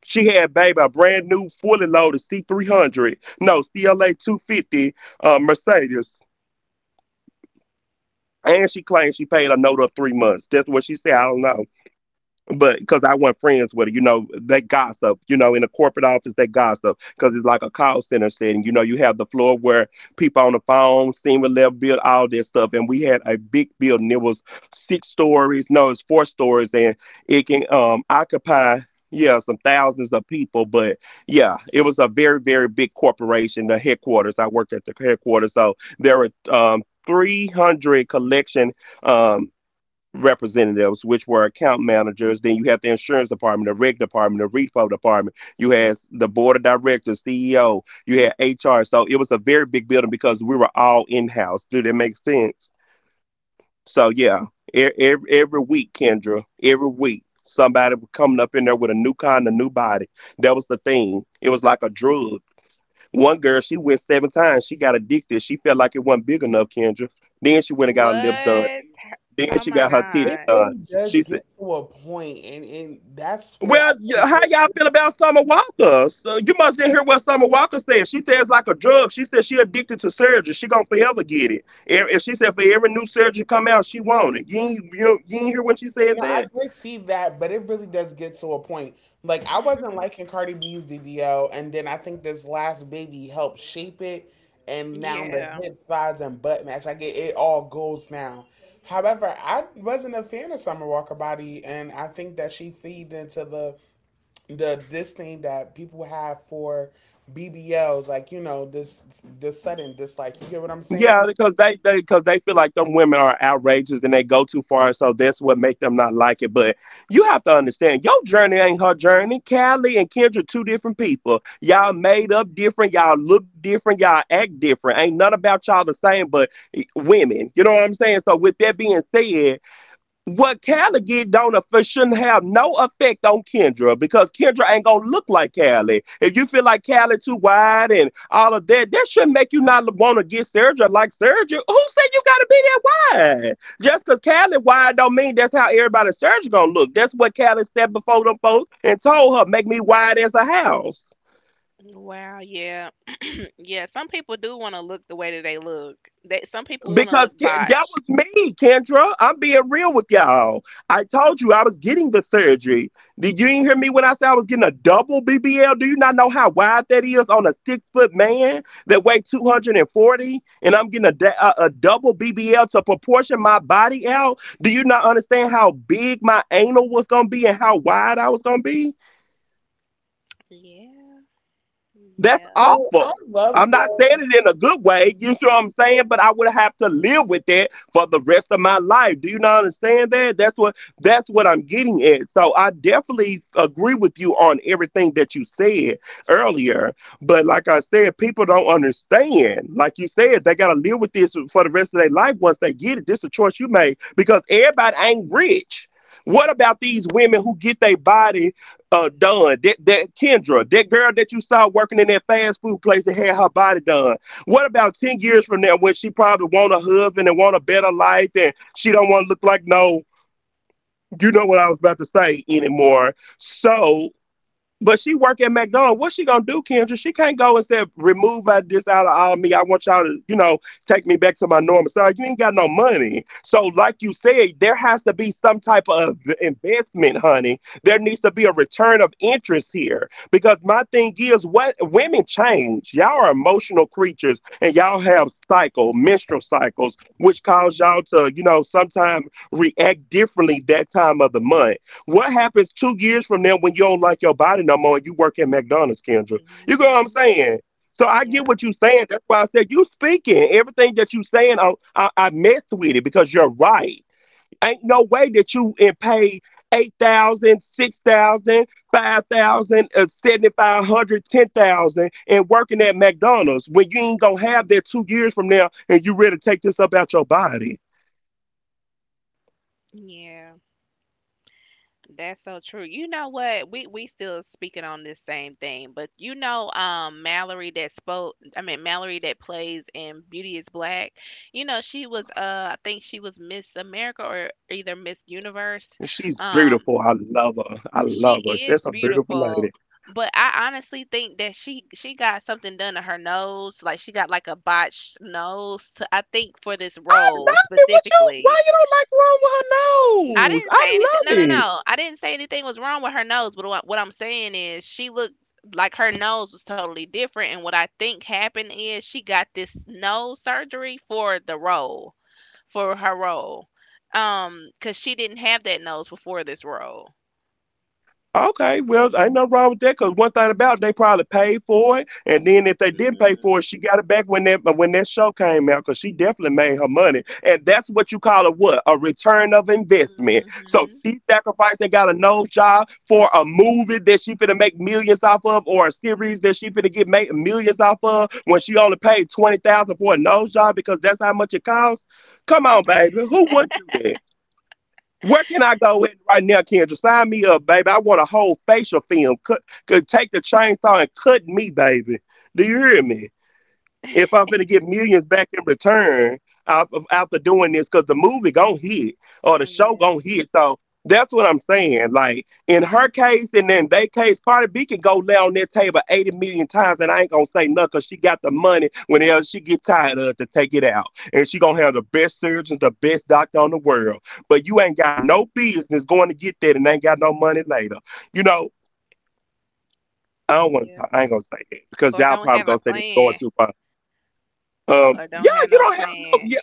Speaker 1: She had baby a brand new fully loaded C three hundred, no C L A two fifty uh, Mercedes, and she claimed she paid a note of three months. That's what she said. I don't know, but because I wasn't friends with her, you know, they gossip, you know, in a corporate office, they gossip because it's like a call center setting. You know, you have the floor where people on the phone, senior level build, all this stuff. And we had a big building. It was six stories, no, it's four stories, and it can um occupy. Yeah, some thousands of people, but yeah, it was a very, very big corporation. The headquarters, I worked at the headquarters, so there were um, three hundred collection. Um representatives, which were account managers. Then you have the insurance department, the reg department, the repo department. You had the board of directors, C E O. You had H R. So it was a very big building because we were all in house. Do that make sense? So yeah, e- every, every week, Kendra, every week, somebody was coming up in there with a new kind of new body. That was the thing. It was like a drug. One girl, she went seven times. She got addicted. She felt like it wasn't big enough, Kendra. Then she went and got her lips
Speaker 2: What?
Speaker 1: done.
Speaker 2: Oh
Speaker 1: Then
Speaker 2: my
Speaker 1: she got her
Speaker 2: God.
Speaker 1: titties
Speaker 3: It
Speaker 1: done.
Speaker 3: really does
Speaker 1: She
Speaker 3: get
Speaker 1: said,
Speaker 3: to a point, and and that's where I
Speaker 1: "Well,
Speaker 3: think
Speaker 1: y- how
Speaker 3: that—
Speaker 1: y'all feel about Summer Walker? So you must didn't hear what Summer Walker said. She says like a drug. She said she addicted to surgery. She gonna forever get it. And and she said for every new surgery come out, she want it. You ain't, you, you ain't hear when she said
Speaker 3: no,
Speaker 1: that?
Speaker 3: I did see that, but it really does get to a point. Like, I
Speaker 2: *laughs*
Speaker 3: wasn't liking Cardi B's B B L, and then I think this last baby helped shape it, and now the
Speaker 2: Yeah.
Speaker 3: hip size and butt match, I get it, all goes now. However, I wasn't a fan of Summer Walker body, and I think that she feeds into the the disdain that people have for B B Ls, like you know this this sudden dislike. You get what I'm saying?
Speaker 1: Yeah, because they they because they feel like them women are outrageous and they go too far, so that's what make them not like it. But you have to understand, your journey ain't her journey. Callie and Kendra, two different people. Y'all made up different. Y'all look different. Y'all act different. Ain't none about y'all the same. But eh, women, you know what I'm saying. So with that being said, what Callie get don't aff- shouldn't have no effect on Kendra because Kendra ain't gonna look like Callie. If you feel like Callie too wide and all of that, that shouldn't make you not want to get surgery like surgery. Who said you gotta be that wide? Just because Callie wide don't mean that's how everybody's surgery gonna look. That's what Callie said before them folks and told her, make me wide as a house.
Speaker 2: Wow. Yeah. Yeah. Some people do want to look the way that they look. That some people want to look
Speaker 1: Because Ken- that
Speaker 2: botched.
Speaker 1: was me, Kendra. I'm being real with y'all. I told you I was getting the surgery. Did you didn't hear me when I said I was getting a double B B L? Do you not know how wide that is on a six foot man that weighed two hundred forty? And forty? And I'm getting a, da- a, a double B B L to proportion my body out? Do you not understand how big my anal was going to be and how wide I was going to be?
Speaker 2: Yeah.
Speaker 1: That's
Speaker 2: Yeah.
Speaker 3: So I
Speaker 1: awful. I'm
Speaker 3: love—
Speaker 1: not saying it in a good way. You know what I'm saying? But I would have to live with that for the rest of my life. Do you not understand that? That's what that's what I'm getting at. So I definitely agree with you on everything that you said earlier. But like I said, people don't understand. Like you said, they gotta live with this for the rest of their life once they get it. This is a choice you make because everybody ain't rich. What about these women who get their body uh done that that Kendra, that girl that you saw working in that fast food place that had her body done. What about ten years from now when she probably want a husband and want a better life and she don't want to look like no, you know what I was about to say anymore. So but she work at McDonald's. What she gonna do, Kendra? She can't go and say, "Remove uh, this out of all me. I want y'all to, you know, take me back to my normal." So you ain't got no money. So, like you said, there has to be some type of investment, honey. There needs to be a return of interest here because my thing is, what women change. Y'all are emotional creatures, and y'all have cycle, menstrual cycles, which cause y'all to, you know, sometimes react differently that time of the month. What happens two years from now when you don't like your body no more and you work at McDonald's, Kendra? You know what I'm
Speaker 2: Hmm.
Speaker 1: saying? So I
Speaker 2: Yeah.
Speaker 1: get what you're saying. That's why I said you speaking. Everything that you are saying, I, I, I messed with it because you're right. Ain't no way that you and pay eight thousand, uh, seven thousand five hundred, and working at McDonald's when you ain't going to have that two years from now and you ready to take this up out your body.
Speaker 2: Yeah. That's so true. You know what? We we still speaking on this same thing, but you know, um, Mallory that spoke. I mean, Mallory that plays in Beauty is Black. You know, she was uh, I think she was Miss America or either Miss Universe.
Speaker 1: And she's
Speaker 2: Um,
Speaker 1: beautiful. I love her. I
Speaker 2: she
Speaker 1: love her.
Speaker 2: is
Speaker 1: That's a beautiful lady.
Speaker 2: beautiful, but I honestly think that she she got something done to her nose. Like she got like a botched nose. To, I think for this
Speaker 1: I love
Speaker 2: role
Speaker 1: it. What you? Why
Speaker 2: specifically.
Speaker 1: you don't like wrong
Speaker 2: I
Speaker 1: with her nose?
Speaker 2: didn't
Speaker 1: I
Speaker 2: say anything. No, no,
Speaker 1: love.
Speaker 2: no. I didn't say anything was wrong with her nose. But what, what I'm saying is, she looked like her nose was totally different. And what I think happened is she got this nose surgery for the role, for her role, um, because she didn't have that nose before this role.
Speaker 1: Okay, well, ain't no wrong with that because one thing about it, they probably paid for it, and then if they didn't pay for it,
Speaker 2: Mhm.
Speaker 1: she got it back when that uh, when that show came out because she definitely made her money, and that's what you call a what a return of investment. So
Speaker 2: Mhm.
Speaker 1: she sacrificed and got a nose job for a movie that she finna make millions off of, or a series that she finna get make millions off of when she only paid twenty thousand for a nose job because that's how much it costs. Come on, baby, who would do that? Where can I go in right now, Kendra? Sign me up, baby. I want a whole facial film. Cut, could take the chainsaw and cut me, baby. Do you hear me? If I'm finna get millions back in return out of after doing this, because the movie gonna hit or the show gonna
Speaker 2: Yeah.
Speaker 1: hit. So that's what I'm saying. Like in her case and then they case, Cardi B can go lay on that table eighty million times and I ain't gonna say cause she got the money whenever she get tired of it to take it out. And she gonna have the best surgeons, the best doctor on the world. But you ain't got no business going to get that and ain't got no money later. You know, I don't want to
Speaker 2: Yeah.
Speaker 1: talk. I ain't gonna say that because
Speaker 2: Or
Speaker 1: y'all
Speaker 2: don't
Speaker 1: probably
Speaker 2: have
Speaker 1: gonna
Speaker 2: a
Speaker 1: say this going
Speaker 2: plan.
Speaker 1: too far. Um,
Speaker 2: Or
Speaker 1: yeah,
Speaker 2: don't have
Speaker 1: you
Speaker 2: no
Speaker 1: don't have no,
Speaker 2: plan.
Speaker 1: yeah,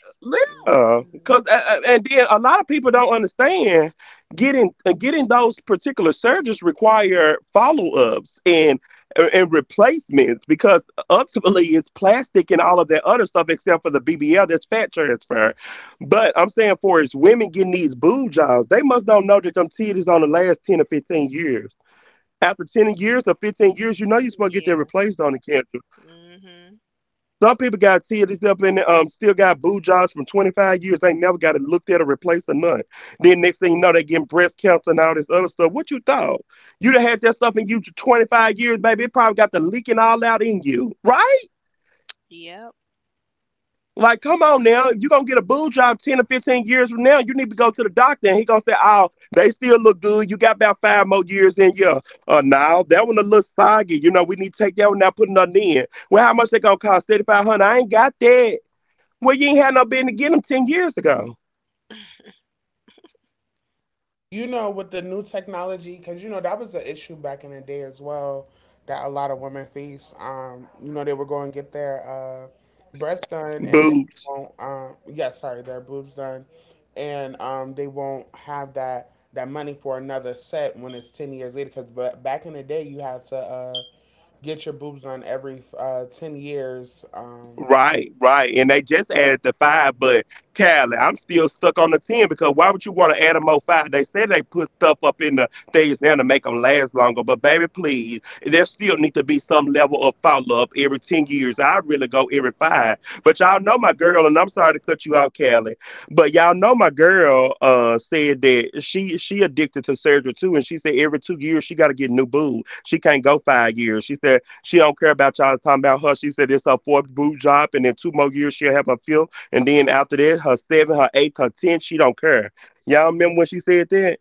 Speaker 1: yeah. Cause,
Speaker 2: Mhm.
Speaker 1: uh, uh, and then a lot of people don't understand getting uh, getting those particular surgeries require follow ups and uh, and replacements because ultimately it's plastic and all of that other stuff except for the B B L that's fat transfer. But I'm saying for as women getting these boob jobs, they must don't know that them titties on the last ten or fifteen years. After ten years or fifteen years, you know you're supposed to get that
Speaker 2: Yeah.
Speaker 1: replaced on the cancer.
Speaker 2: Mhm.
Speaker 1: Some people got tears up in the, um still got boo jobs from twenty-five years. They ain't never got it looked at or replaced or none. Then next thing you know, they getting breast cancer and all this other stuff. What you thought? You done had that stuff in you for twenty-five years, baby. It probably got the leaking all out in you, right?
Speaker 2: Yep.
Speaker 1: Like, come on now. If you gonna get a boo job ten or fifteen years from now, you need to go to the doctor and he gonna say, oh, they still look good. You got about five more years in you. Uh, now that one a little soggy. You know, we need to take that one now, put another in. Well, how much they gonna cost? thirty-five hundred. I ain't got that. Well, you ain't had no business getting them ten years ago.
Speaker 3: you know, with the new technology, because you know that was an issue back in the day as well, that a lot of women face. Um, you know, they were going to get their uh, breasts done, and they
Speaker 1: Boo.
Speaker 3: won't. Um, yeah, sorry, their boobs done, and um, they won't have that that money for another set when it's ten years later. Because, but back in the day, you had to uh, get your boobs done every uh, ten years. Um,
Speaker 1: Right, right. And they just added the five, but Cali, I'm still stuck on the ten because why would you want to add a more five? They said they put stuff up in the things now to make them last longer, but baby, please, there still need to be some level of follow up every ten years. I really go every five. But y'all know my girl, and I'm sorry to cut you out, Cali, but y'all know my girl uh, said that she she addicted to surgery too, and she said every two years she got to get new boob. She can't go five years. She said she don't care about y'all talking about her. She said it's her fourth boob job, and in two more years she'll have her fifth, and then after that, her seven, her eighth, her tenth. She don't care. Y'all remember when she said that?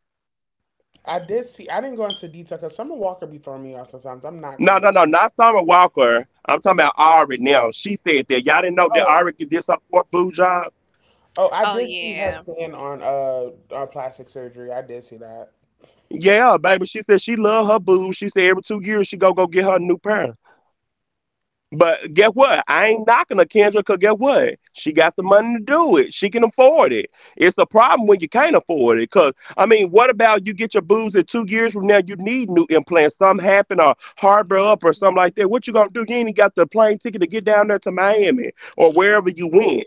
Speaker 3: I
Speaker 2: Mhm.
Speaker 3: did see. I didn't go into detail because Summer Walker be throwing me off sometimes. I'm not
Speaker 1: No,
Speaker 3: gonna
Speaker 1: no, no, not Summer Walker. I'm talking about Ari now. She said that. Y'all didn't know that
Speaker 3: lie.
Speaker 1: Ari did this her fourth boob job.
Speaker 3: Oh, I
Speaker 2: Oh
Speaker 3: did see her
Speaker 2: yeah.
Speaker 3: stand on uh on plastic surgery. I did see that.
Speaker 1: Yeah, baby. She said she love her boobs. She said every two years she go go get her a new pair. But guess what? I ain't knocking her, Kendra, because guess what? She got the money to do it. She can afford it. It's a problem when you can't afford it. Because, I mean, what about you get your boobs and two years from now you need new implants? Something happen or harbor up or something like that.
Speaker 2: Mhm.
Speaker 1: What you going to do? You ain't got the plane ticket to get down there to Miami or wherever
Speaker 2: Yeah,
Speaker 1: you went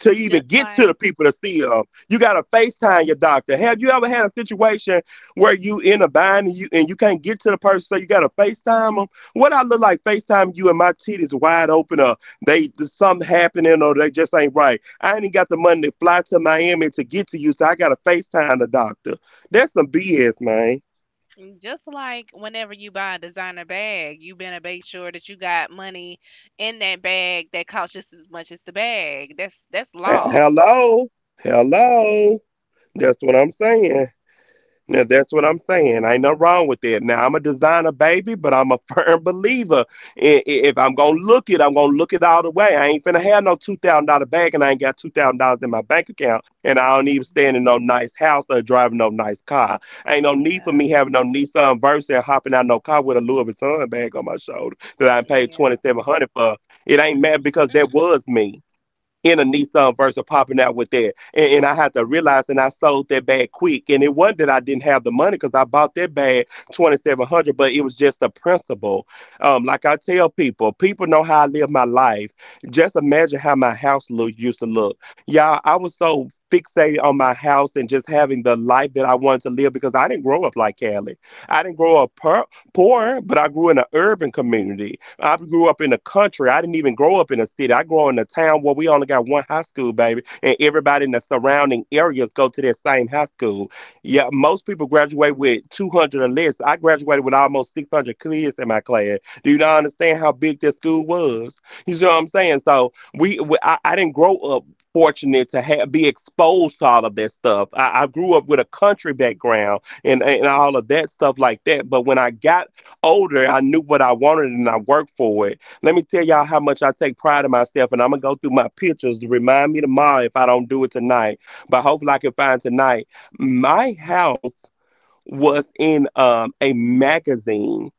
Speaker 1: to even
Speaker 2: just
Speaker 1: get to the
Speaker 2: like
Speaker 1: people to see them. You got to FaceTime your doctor. Have you ever had a situation where you in a bind and you, and you can't get to the person, so you got to FaceTime them? What I look like FaceTime you and my titties wide open or they there's something happening or they just ain't right. I ain't even got the money to fly to Miami to get to you, so I got to FaceTime the doctor. That's some B S, man.
Speaker 2: just like whenever you buy a designer bag, you better make sure that you got money in that bag that costs just as much as the bag. That's that's
Speaker 1: Uh,
Speaker 2: law.
Speaker 1: Hello? Hello? That's what I'm saying. Now that's what I'm saying. Ain't nothing wrong with that. Now I'm a designer baby, but I'm a *laughs* firm believer. I- i- If I'm gonna look it, I'm gonna look it all the way. I ain't finna have no two thousand dollar bag, and I ain't got two thousand dollars in my bank account, and I don't even stand in
Speaker 2: Hmm.
Speaker 1: no nice house or driving no nice car. Ain't no need for
Speaker 2: Yeah,
Speaker 1: me having no Nissan Versa and hopping out no car with a Louis Vuitton bag on my shoulder that I paid twenty
Speaker 2: yeah,
Speaker 1: seven hundred for. It ain't mad because that
Speaker 2: *laughs*
Speaker 1: was me in a Nissan versus popping out with that. And, and I had to realize, and I sold that bag quick. And it wasn't that I didn't have the money because I bought that bag twenty seven hundred, but it was just the principle. Um, like I tell people, people know how I live my life. Just imagine how my house look, used to look. Y'all, I was so fixated on my house and just having the life that I wanted to live because I didn't grow up like Cali. I didn't grow up per- poor, but I grew in an urban community. I grew up in the country. I didn't even grow up in a city. I grew up in a town where we only got one high school, baby, and everybody in the surrounding areas go to that same high school. Yeah, most people graduate with two hundred or less. I graduated with almost six hundred kids in my class. Do you not understand how big that school was? You see what I'm saying? So we, we I, I didn't grow up fortunate to have, be exposed to all of that stuff. I, I grew up with a country background and, and all of that stuff like that. But when I got older, I knew what I wanted and I worked for it. Let me tell y'all how much I take pride in myself, and I'm gonna go through my pictures to remind me tomorrow if I don't do it tonight. But hopefully, I can find tonight. My house was in um, a magazine.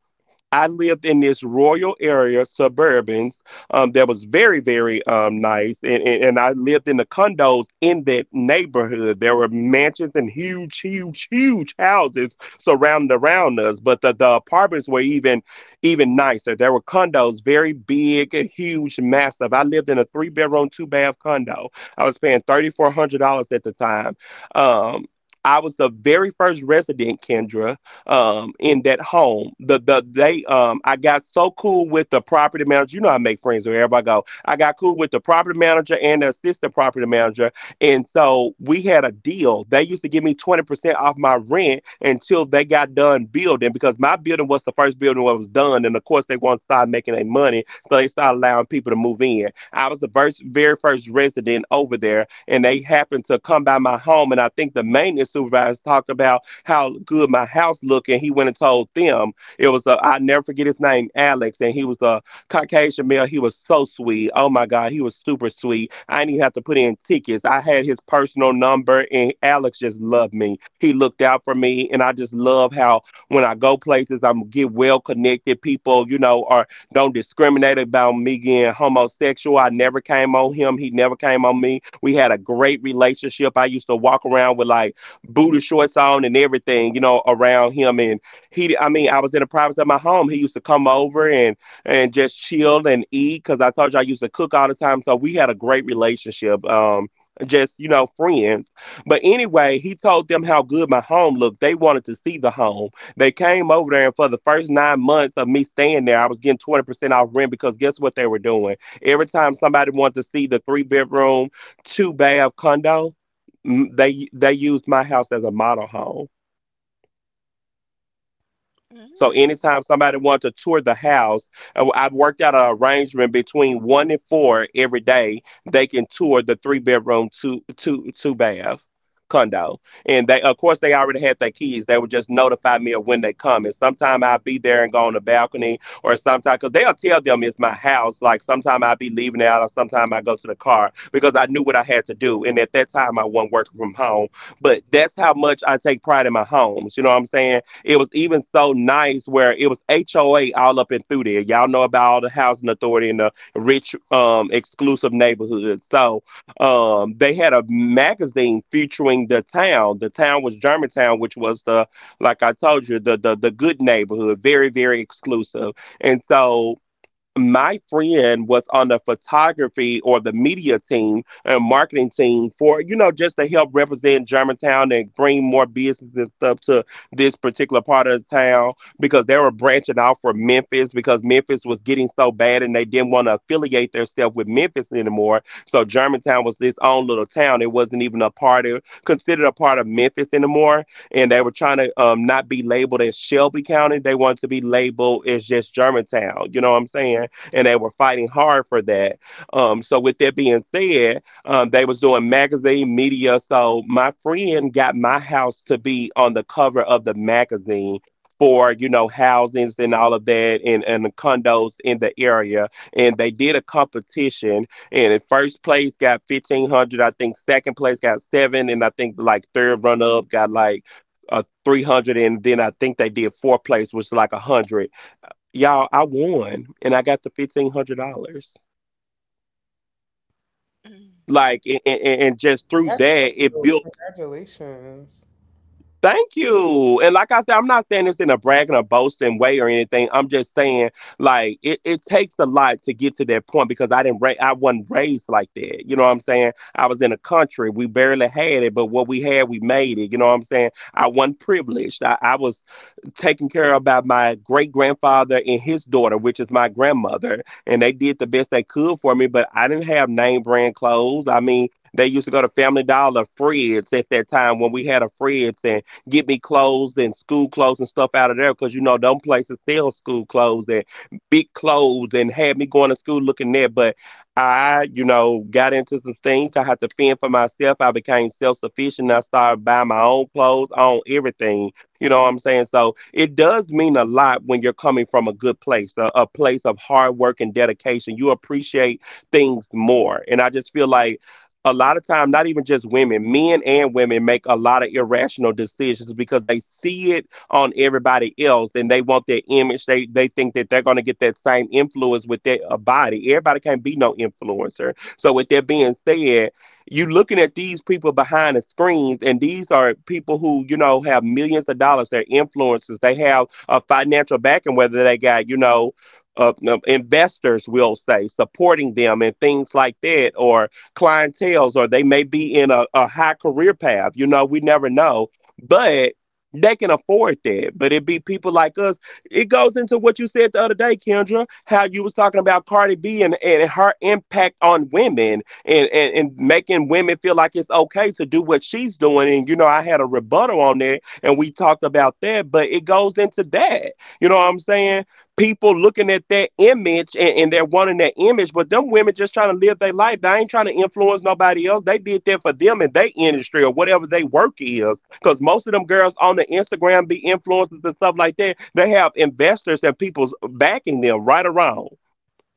Speaker 1: I lived in this royal area, suburbans, um, that was very, very um, nice. And, and, and I lived in the condos in that neighborhood. There were mansions and huge, huge, huge houses surrounding around us. But the, the apartments were even even nicer. There were condos, very big, huge, massive. I lived in a three bedroom, two bath condo. I was paying three thousand four hundred dollars at the time. Um, I was the very first resident, Kendra um, in that home. The the they um, I got so cool with the property manager. You know, I make friends wherever I go. I got cool with the property manager and the assistant property manager, and so we had a deal. They used to give me twenty percent off my rent until they got done building because my building was the first building that was done, and of course they want to start making their money, so they started allowing people to move in. I was the first, very first resident over there, and they happened to come by my home, and I think the maintenance supervisor talked about how good my house looked, and he went and told them. It was a I never forget his name, Alex, and he was a Caucasian male. He was so sweet. Oh my God, he was super sweet. I didn't even have to put in tickets. I had his personal number, and Alex just loved me. He looked out for me, and I just love how when I go places, I'm get well connected. People, you know, are don't discriminate about me being homosexual. I never came on him. He never came on me. We had a great relationship. I used to walk around with like booty shorts on and everything, you know, around him. And he, I mean, I was in the privacy of my home. He used to come over and and just chill and eat because I told you I used to cook all the time. So we had a great relationship. Um, just you know, friends. But anyway, he told them how good my home looked. They wanted to see the home. They came over there, and for the first nine months of me staying there, I was getting twenty percent off rent because guess what they were doing? Every time somebody wanted to see the three bedroom, two bath condo, m- they they used my house as a model home, so
Speaker 2: mm,
Speaker 1: anytime somebody wants to tour the house, uh, well, I've worked out an arrangement between one and four every day. They can tour the three bedroom, two two two bath condo, and they of course they already had their keys. They would just notify me of when they come. And sometimes I'll be there and go on the balcony, or sometimes because they'll tell them it's my house. Like sometimes I'll be leaving out, or sometimes I go to the car because I knew what I had to do. And at that time I wasn't working from home, but that's how much I take pride in my homes. You know what I'm saying? It was even so nice where it was H O A all up and through there. Y'all know about the housing authority in the rich, um, exclusive neighborhood. So um, they had a magazine featuring the town. The town was Germantown, which was, the, like I told you, the the the good neighborhood, very very exclusive. And so my friend was on the photography or the media team and marketing team for, you know, just to help represent Germantown and bring more business and stuff to this particular part of the town, because they were branching out for Memphis. Because Memphis was getting so bad and they didn't want to affiliate themselves with Memphis anymore, so Germantown was this own little town. It wasn't even a part of, considered a part of Memphis anymore, and they were trying to um, not be labeled as Shelby County. They wanted to be labeled as just Germantown, you know what I'm saying, and they were fighting hard for that. Um, so with that being said, um, they was doing magazine media. So my friend got my house to be on the cover of the magazine for, you know, housings and all of that, and, and the condos in the area. And they did a competition, and in first place got fifteen hundred. I think second place got seven, and I think like third run up got like a three hundred, and then I think they did fourth place was like a a hundred. Y'all, I won and I got the fifteen hundred dollars.
Speaker 2: mm.
Speaker 1: Like, and, and, and just through
Speaker 3: That's so
Speaker 1: that, it
Speaker 3: cool.
Speaker 1: built.
Speaker 3: Congratulations.
Speaker 1: Thank you. And like I said, I'm not saying this in a bragging or boasting way or anything. I'm just saying, like, it, it takes a lot to get to that point, because I didn't, ra- I wasn't raised like that. You know what I'm saying? I was in a country we barely had it, but what we had, we made it. You know what I'm saying? I wasn't privileged. I, I was taken care of by my great grandfather and his daughter, which is my grandmother. And they did the best they could for me, but I didn't have name brand clothes. I mean, they used to go to Family Dollar, Fred's at that time when we had a Fred's, and get me clothes and school clothes and stuff out of there because, you know, them places sell school clothes and big clothes and had me going to school looking there. But I, you know, got into some things. I had to fend for myself. I became self sufficient. I started buying my own clothes, own everything, you know what I'm saying? So it does mean a lot when you're coming from a good place, a, a place of hard work and dedication. You appreciate things more. And I just feel like a lot of time, not even just women, men and women make a lot of irrational decisions because they see it on everybody else and they want their image. They they think that they're gonna get that same influence with their uh, body. Everybody can't be no influencer. So with that being said, you are looking at these people behind the screens, and these are people who, you know, have millions of dollars. They're influencers, they have a financial backing, whether they got, you know, uh, no, investors will say supporting them and things like that, or clientels, or they may be in a, a high career path, you know, we never know. But they can afford that. But it be people like us. It goes into what you said the other day, Kendra, how you was talking about Cardi B, and, and her impact on women, and, and and making women feel like it's okay to do what she's doing. And you know, I had a rebuttal on that, and we talked about that, but it goes into that. You know what I'm saying? People looking at that image, and, and they're wanting that image, but them women just trying to live their life. They ain't trying to influence nobody else. They did that for them in their industry or whatever they work is. Because most of them girls on the Instagram be influencers and stuff like that. They have investors and people's backing them right around,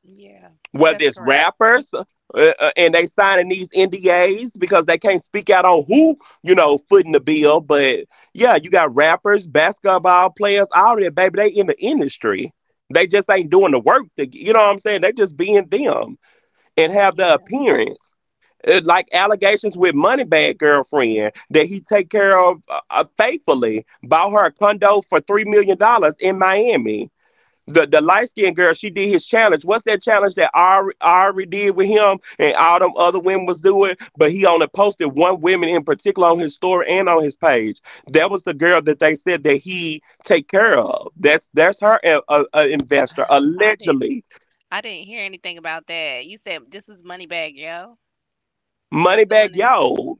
Speaker 2: Yeah. That's
Speaker 1: whether it's
Speaker 2: correct.
Speaker 1: rappers, uh, uh, and they signing these N D As because they can't speak out on who, you know, footing the bill. But yeah, you got rappers, basketball players, all that baby. They in the industry. They just ain't doing the work. To, you know what I'm saying? They just being them and have the
Speaker 2: Yeah,
Speaker 1: appearance. Uh, like allegations with Moneybag girlfriend that he take care of uh, uh, faithfully, bought her a condo for three million dollars in Miami. the the light skinned girl, she did his challenge. What's that challenge that I alre- I already did with him and all them other women was doing? But he only posted one woman in particular on his story and on his page. That was the girl that they said that he take care of. That's that's her uh, uh, uh, investor,
Speaker 2: I didn't.
Speaker 1: allegedly.
Speaker 2: I didn't hear anything about that. You said this was Moneybag Yo that's
Speaker 1: Money
Speaker 2: doing
Speaker 1: back,
Speaker 2: this.
Speaker 1: yo.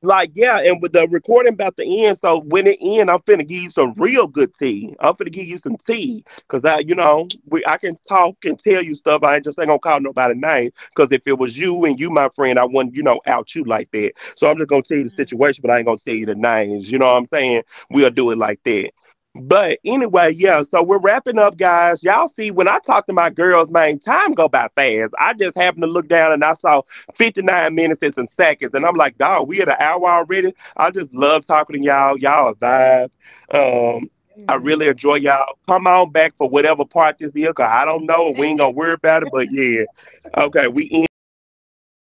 Speaker 1: Like, yeah, and with the recording about to end, so when it end, I'm finna give you some real good tea. I'm finna give you some tea, cause I, you know, we I can talk and tell you stuff. I ain't, just ain't gonna call nobody names, cause if it was you and you my friend, I wouldn't, you know, out you like that. So I'm just gonna tell you the situation, but I ain't gonna tell you the names. You know what I'm saying? We'll do it
Speaker 2: Mm-hmm.
Speaker 1: like that. But anyway, yeah, so we're wrapping up, guys. Y'all see, when I talk to my girls, man, time go by fast. I just happened to look down and I saw fifty-nine minutes and some seconds. And I'm like, dog, we at an hour already. I just love talking to y'all. Y'all a vibe. Um, I
Speaker 3: Damn.
Speaker 1: really enjoy y'all. Come on back for whatever part this is, 'cause I don't know. We ain't gonna worry about it, but yeah. Okay, we ending it right there.